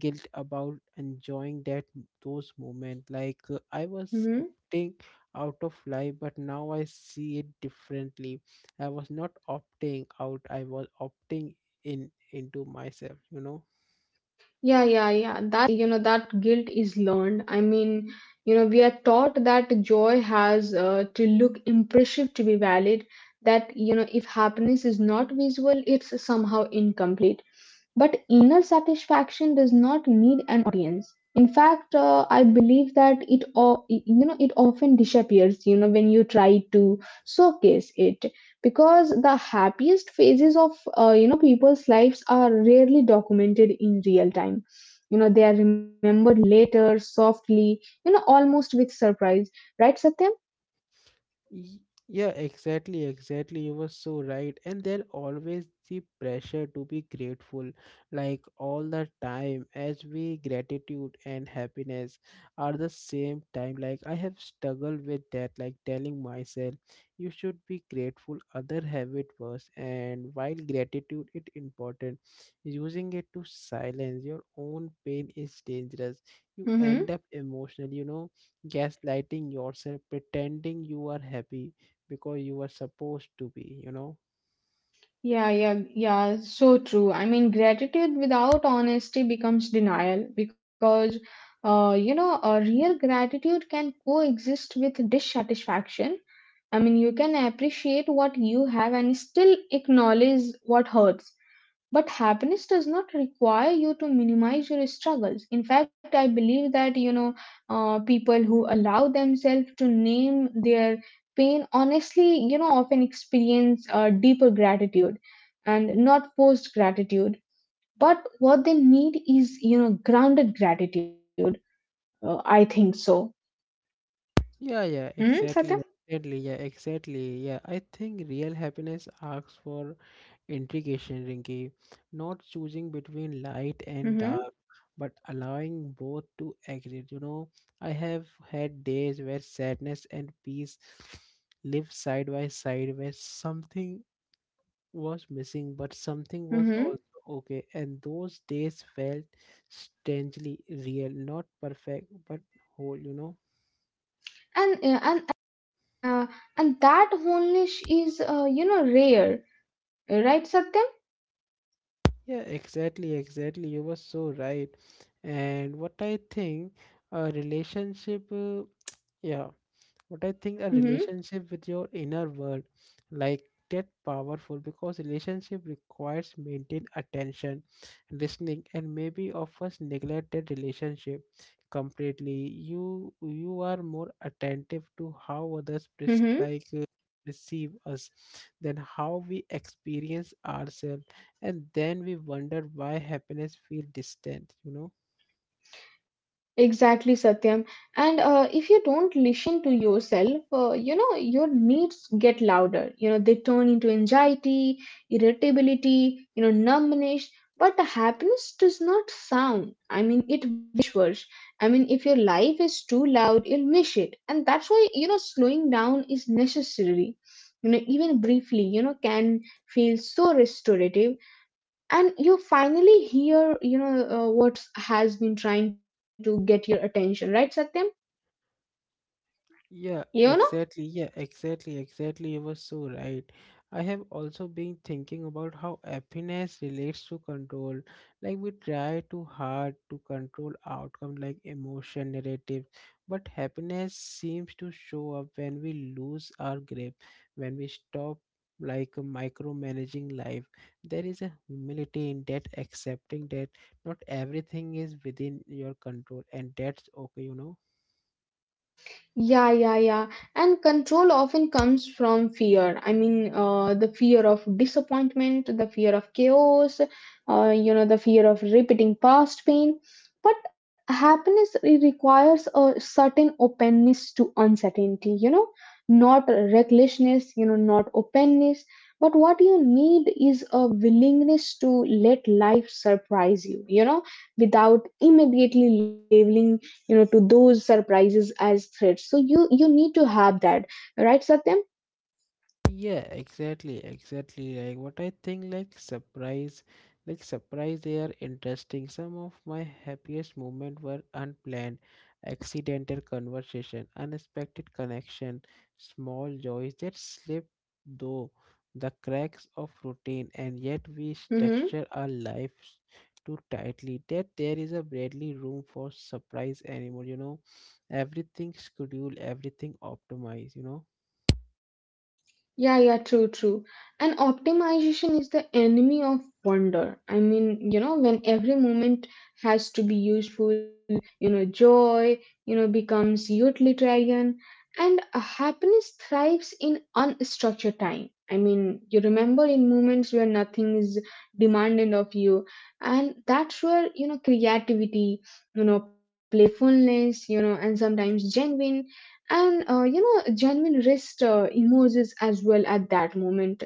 [SPEAKER 1] guilt about enjoying that those moments. I was opting out of life, but now I see it differently. I was not opting out, I was opting in into myself, you know.
[SPEAKER 2] Yeah, yeah, yeah. That, you know, that guilt is learned. I mean, you know, we are taught that joy has to look impressive to be valid, that, you know, if happiness is not visual, it's somehow incomplete. But inner satisfaction does not need an audience. In fact, I believe that it, you know, it often disappears, you know, when you try to showcase it, because the happiest phases of you know, people's lives are rarely documented in real time. You know, they are remembered later, softly, you know, almost with surprise. Right, Satyam?
[SPEAKER 1] Y- Yeah, exactly, exactly. You were so right. And there always the pressure to be grateful, like all the time, as we gratitude and happiness are the same time. Like I have struggled with that, like telling myself you should be grateful, other have it worse. And while gratitude is important, using it to silence your own pain is dangerous. You end
[SPEAKER 2] Mm-hmm.
[SPEAKER 1] up emotional, you know, gaslighting yourself, pretending you are happy because you are supposed to be, you know?
[SPEAKER 2] Yeah, yeah, yeah, so true. I mean, gratitude without honesty becomes denial, because, you know, a real gratitude can coexist with dissatisfaction. I mean, you can appreciate what you have and still acknowledge what hurts. But happiness does not require you to minimize your struggles. In fact, I believe that, you know, people who allow themselves to name their pain honestly, you know, often experience deeper gratitude, and not forced gratitude, but what they need is, you know, grounded gratitude. I think so.
[SPEAKER 1] Yeah, yeah,
[SPEAKER 2] Hmm, Satya.
[SPEAKER 1] exactly. Exactly, yeah, exactly. Yeah, I think real happiness asks for integration, Rinki. Not choosing between light and
[SPEAKER 2] Mm-hmm.
[SPEAKER 1] dark, but allowing both to exist. You know, I have had days where sadness and peace live side by side, where something was missing, but something was
[SPEAKER 2] Mm-hmm.
[SPEAKER 1] also okay. And those days felt strangely real, not perfect, but whole, you know.
[SPEAKER 2] And uh, and that oneness is, you know, rare. Right, Satya?
[SPEAKER 1] Yeah, exactly, exactly. You were so right. And what I think, a relationship, yeah. But I think a
[SPEAKER 2] Mm-hmm.
[SPEAKER 1] relationship with your inner world, like that powerful, because relationship requires maintained attention, listening, and maybe of us neglect that relationship completely. You are more attentive to how others pres-
[SPEAKER 2] Mm-hmm.
[SPEAKER 1] like uh, perceive us than how we experience ourselves, and then we wonder why happiness feels distant. You know.
[SPEAKER 2] Exactly, Satyam. And if you don't listen to yourself, you know, your needs get louder. You know, they turn into anxiety, irritability, you know, numbness. But the happiness does not sound. I mean, it whispers. I mean, if your life is too loud, you'll miss it. And that's why, you know, slowing down is necessary. You know, even briefly, you know, can feel so restorative, and you finally hear, you know, what has been trying to get your attention. Right, Satyam?
[SPEAKER 1] Yeah,
[SPEAKER 2] You know.
[SPEAKER 1] exactly. Yeah, exactly. Exactly. You were so right. I have also been thinking about how happiness relates to control. Like we try too hard to control outcome like emotion, narrative, but happiness seems to show up when we lose our grip, when we stop like micromanaging life. There is a humility in that, accepting that not everything is within your control, and that's okay, you know.
[SPEAKER 2] Yeah, yeah, yeah. And control often comes from fear. I mean, the fear of disappointment, the fear of chaos, you know, the fear of repeating past pain. But happiness, it requires a certain openness to uncertainty, you know, not recklessness, you know, not openness. But what you need is a willingness to let life surprise you, you know, without immediately labeling, you know, to those surprises as threats. So you need to have that. Right, Satyam?
[SPEAKER 1] Yeah, exactly, exactly. Like what I think, like surprise, they are interesting. Some of my happiest moments were unplanned, accidental conversation, unexpected connection, small joys that slip through the cracks of routine, and yet we
[SPEAKER 2] Mm-hmm.
[SPEAKER 1] structure our lives too tightly that there is a barely room for surprise anymore. You know, everything scheduled, everything optimized. You know.
[SPEAKER 2] Yeah, yeah, true, true. And optimization is the enemy of wonder. I mean, you know, when every moment has to be useful, you know, joy, you know, becomes utilitarian, and happiness thrives in unstructured time. I mean, you remember in moments where nothing is demanded of you, and that's where, you know, creativity, you know, playfulness, you know, and sometimes genuine and you know, genuine rest emerges as well at that moment.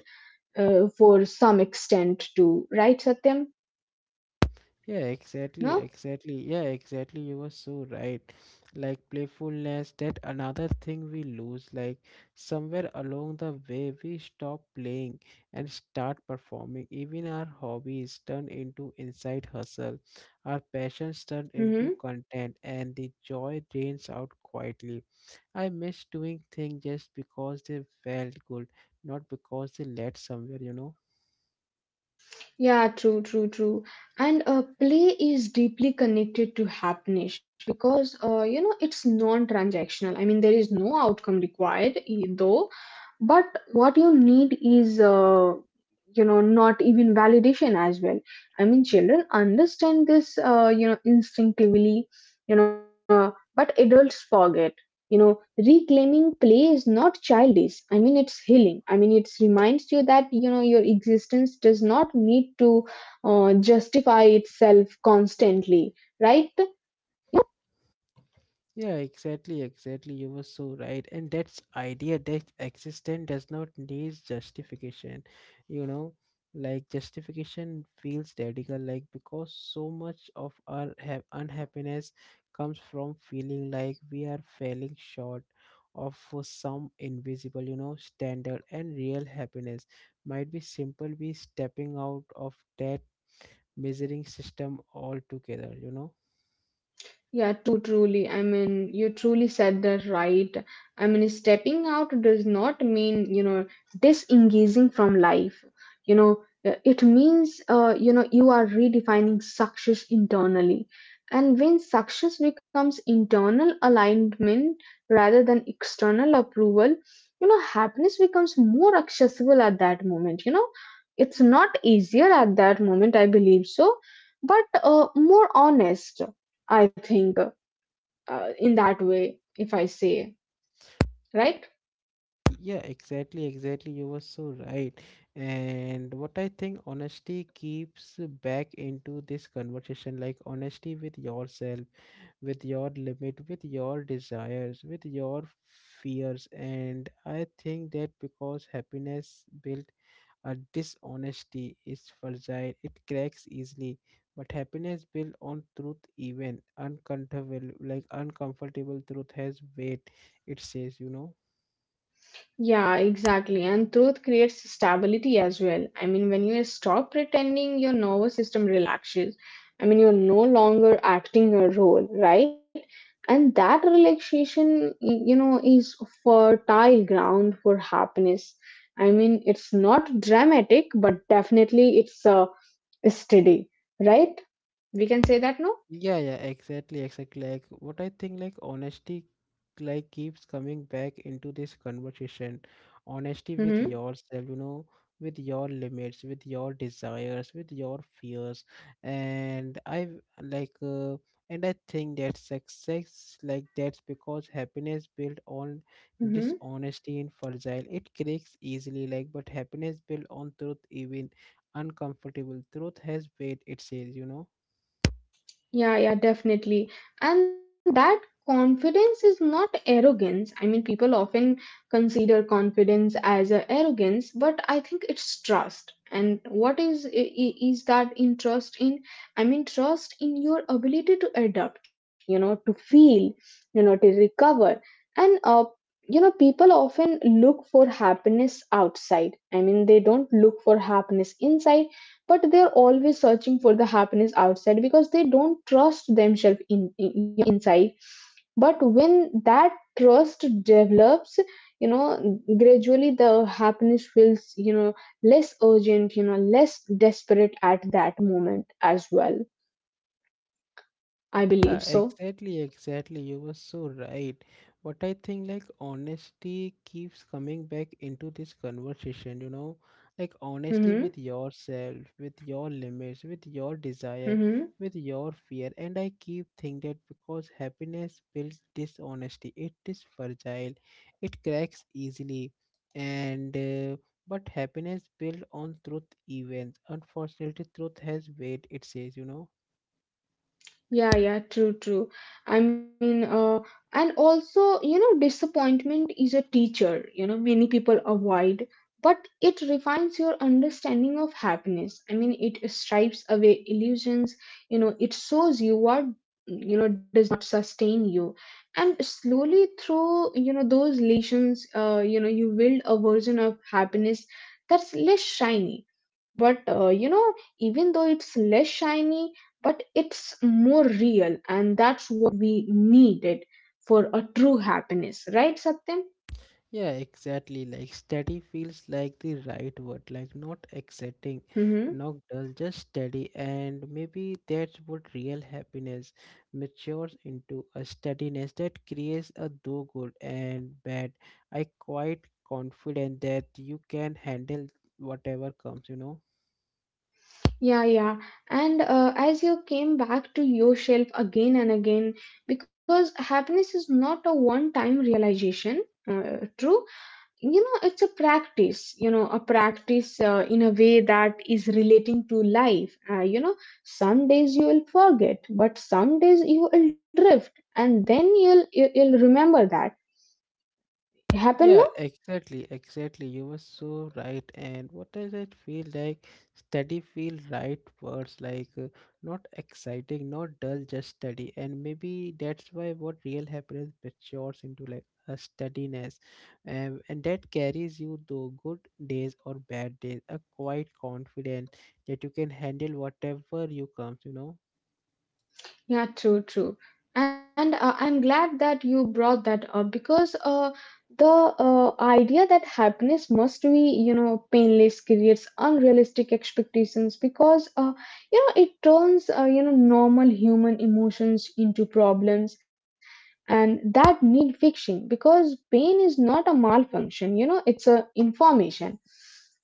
[SPEAKER 2] For some extent too. Right, Satyam?
[SPEAKER 1] Yeah, exactly,
[SPEAKER 2] No.
[SPEAKER 1] exactly. Yeah, exactly. You were so right. Like playfulness, that another thing we lose. Like somewhere along the way, we stop playing and start performing. Even our hobbies turn into inside hustle. Our passions turn into
[SPEAKER 2] Mm-hmm.
[SPEAKER 1] content, and the joy drains out quietly. I miss doing things just because they felt good, not because they led somewhere. You know.
[SPEAKER 2] Yeah, true, true, true. And play is deeply connected to happiness, because you know, it's non-transactional. I mean, there is no outcome required, though. But what you need is, you know, not even validation as well. I mean, children understand this, you know, instinctively, you know, but adults forget. You know, reclaiming play is not childish. I mean, it's healing. I mean, it reminds you that, you know, your existence does not need to justify itself constantly. Right?
[SPEAKER 1] Yeah, exactly, exactly. You were so right. And that's idea that existence does not need justification. You know, like justification feels radical, like because so much of our unhappiness comes from feeling like we are falling short of for some invisible, you know, standard. And real happiness might be simple, be stepping out of that measuring system altogether, you know.
[SPEAKER 2] Yeah, true, truly. I mean, you truly said that, right. I mean, stepping out does not mean, you know, disengaging from life. You know, it means, you know, you are redefining success internally. And when success becomes internal alignment rather than external approval, you know, happiness becomes more accessible at that moment. You know, it's not easier at that moment, I believe so, but more honest, I think, in that way, if I say, right?
[SPEAKER 1] Yeah, exactly, exactly. You were so right. And what I think, honesty keeps back into this conversation, like honesty with yourself, with your limit, with your desires, with your fears. And I think that because happiness built a dishonesty is fragile, it cracks easily. But happiness built on truth, even uncomfortable, like uncomfortable truth has weight, it says, you know.
[SPEAKER 2] Yeah, exactly. And truth creates stability as well. I mean, when you stop pretending, your nervous system relaxes. I mean, you're no longer acting a role, right? And that relaxation, you know, is fertile ground for happiness. I mean, it's not dramatic, but definitely it's steady, right? We can say that, no?
[SPEAKER 1] Yeah, yeah, exactly, exactly. Like what I think, like honesty, like keeps coming back into this conversation. Honesty with
[SPEAKER 2] Mm-hmm.
[SPEAKER 1] yourself, you know, with your limits, with your desires, with your fears, and I like, uh, and I think that success, like that's because happiness built on
[SPEAKER 2] Mm-hmm.
[SPEAKER 1] dishonesty and fragile. It cracks easily, like, but happiness built on truth, even uncomfortable truth has weight. It says, you know.
[SPEAKER 2] Yeah, yeah, definitely. And that confidence is not arrogance. I mean, people often consider confidence as a arrogance, but I think it's trust. And what is is that in trust in? I mean, trust in your ability to adapt, you know, to feel, you know, to recover. And you know, people often look for happiness outside. I mean, they don't look for happiness inside, but they're always searching for the happiness outside because they don't trust themselves in, you know, inside. But when that trust develops, you know, gradually the happiness feels, you know, less urgent, you know, less desperate at that moment as well, I believe
[SPEAKER 1] Yeah,
[SPEAKER 2] so.
[SPEAKER 1] exactly, exactly. You were so right. But I think like honesty keeps coming back into this conversation, you know, like honesty
[SPEAKER 2] Hmm.
[SPEAKER 1] with yourself, with your limits, with your desire,
[SPEAKER 2] Hmm.
[SPEAKER 1] with your fear. And I keep thinking that because happiness builds dishonesty, it is fragile, it cracks easily. And but happiness built on truth events. Unfortunately, truth has weight, it says, you know.
[SPEAKER 2] Yeah, yeah, true, true. I mean, and also, you know, disappointment is a teacher, you know, many people avoid, but it refines your understanding of happiness. I mean, it stripes away illusions, you know, it shows you what, you know, does not sustain you. And slowly through, you know, those lessons, you know, you build a version of happiness that's less shiny, but, you know, even though it's less shiny, but it's more real, and that's what we needed for a true happiness. Right, Satyam?
[SPEAKER 1] Yeah, exactly. Like steady feels like the right word. Like not exciting,
[SPEAKER 2] Mm-hmm.
[SPEAKER 1] not dull, just steady. And maybe that's what real happiness matures into, a steadiness that creates a do good and bad. I quite confident that you can handle whatever comes, you know.
[SPEAKER 2] Yeah, yeah. And as you came back to yourself again and again, because happiness is not a one time realization. uh, True. You know, it's a practice. You know, a practice, in a way that is relating to life. You know, some days you will forget, but some days you will drift, and then you'll remember that happen.
[SPEAKER 1] Yeah, exactly, exactly. You were so right. And what does it feel like? Steady feel right words, not exciting, not dull, just steady. And maybe that's why what real happiness matures into, like a steadiness, and that carries you through good days or bad days. A quite confident that you can handle whatever you comes. You know.
[SPEAKER 2] Yeah, true, true. And I'm glad that you brought that up, because uh, the idea that happiness must be, you know, painless creates unrealistic expectations, because, you know, it turns, you know, normal human emotions into problems and that need fixing, because pain is not a malfunction. You know, it's a information,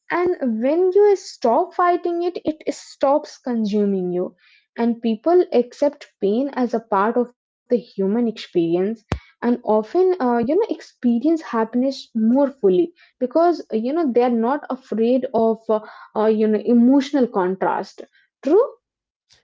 [SPEAKER 2] and when you stop fighting it, it stops consuming you. And people accept pain as a part of the human experience, and often you know, experience happiness more fully, because you know, they are not afraid of you know, emotional contrast. True.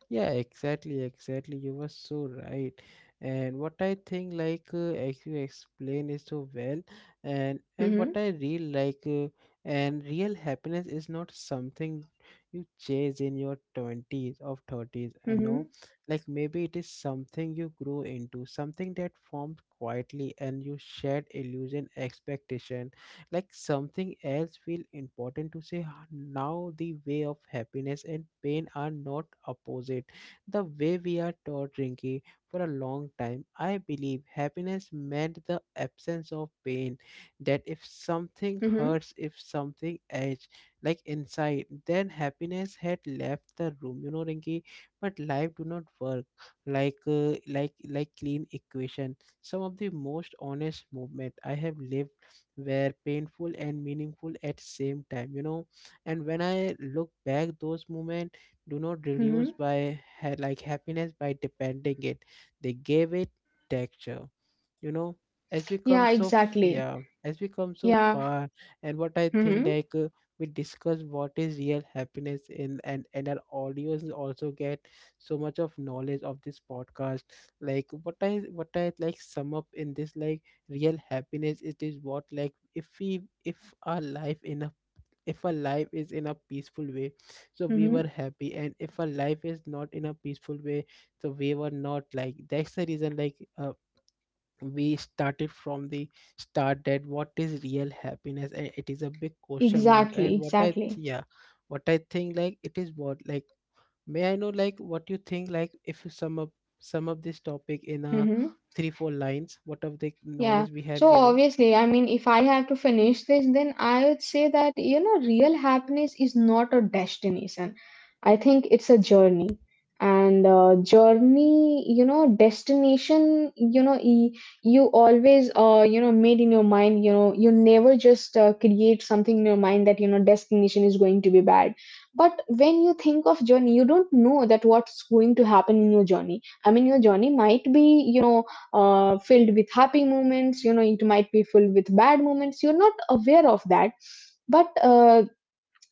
[SPEAKER 1] Yeah, exactly, exactly. You were so right. And what I think, as you explain it so well,
[SPEAKER 2] Mhm.
[SPEAKER 1] and what I real like, and real happiness is not something you chase in your twenties or thirties. I know,
[SPEAKER 2] Mhm.
[SPEAKER 1] like maybe it is something you grow into, something that forms quietly, and you shed illusion, expectation, like something else feel important to say now. The way of happiness and pain are not opposite the way we are taught, Rinki. For a long time I believe happiness meant the absence of pain, that if something
[SPEAKER 2] Mhm.
[SPEAKER 1] hurts, if something edge like inside, then happiness had left the room, you know, Rinki. But life do not work like clean equation. Some of the most honest movement I have lived were painful and meaningful at same time, you know. And when I look back those moments do not
[SPEAKER 2] Mhm.
[SPEAKER 1] reduce by ha- like happiness by depending it, they gave it texture, you know. as we
[SPEAKER 2] Yeah,
[SPEAKER 1] come so f-
[SPEAKER 2] exactly.
[SPEAKER 1] yeah as we come so
[SPEAKER 2] Yeah.
[SPEAKER 1] far. And what I
[SPEAKER 2] Mm-hmm.
[SPEAKER 1] think like We discuss what is real happiness in, and our audience also get so much of knowledge of this podcast. Like what I like sum up in this, like real happiness it is what, like if we if our life in a if our life is in a peaceful way, so we
[SPEAKER 2] Mm-hmm.
[SPEAKER 1] were happy, and if our life is not in a peaceful way, so we were not. Like that's the reason we started from the start that what is real happiness, and it is a big question mark.
[SPEAKER 2] Exactly,
[SPEAKER 1] and what i
[SPEAKER 2] exactly.
[SPEAKER 1] th- yeah what i think, like it is what, like may I know like what you think, like if you sum up this topic in a
[SPEAKER 2] Mm-hmm.
[SPEAKER 1] three four lines what of the
[SPEAKER 2] Yeah.
[SPEAKER 1] knowledge we have
[SPEAKER 2] So
[SPEAKER 1] given.
[SPEAKER 2] obviously, I mean, if I have to finish this, then I would say that, you know, real happiness is not a destination. I think it's a journey. And journey, you know, destination, you know, you always, you know, made in your mind, you know, you never just, create something in your mind that, you know, destination is going to be bad. But when you think of journey, you don't know that what's going to happen in your journey. I mean, your journey might be, you know, filled with happy moments, you know, it might be filled with bad moments, you're not aware of that. But uh,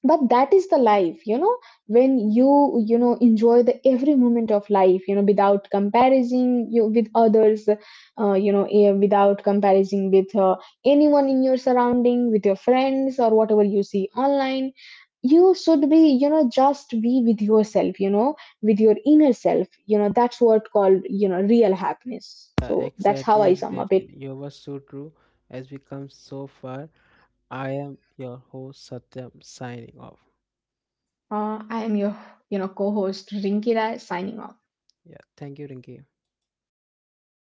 [SPEAKER 2] but that is the life, you know. When you know, enjoy the every moment of life, you know, without comparison you with others, you know, without comparison with, anyone in your surrounding, with your friends or whatever you see online, you should be, you know, just be with yourself, you know, with your inner self. You know, that's what called, you know, real happiness.
[SPEAKER 1] Yeah,
[SPEAKER 2] So that's how
[SPEAKER 1] exactly,
[SPEAKER 2] I sum up it.
[SPEAKER 1] exactly. You were so true. As we come so far, I am your host Satyam signing off.
[SPEAKER 2] I am your, you know, co-host Rinki Rai, signing off.
[SPEAKER 1] Yeah, thank you, Rinki.
[SPEAKER 2] My pleasure.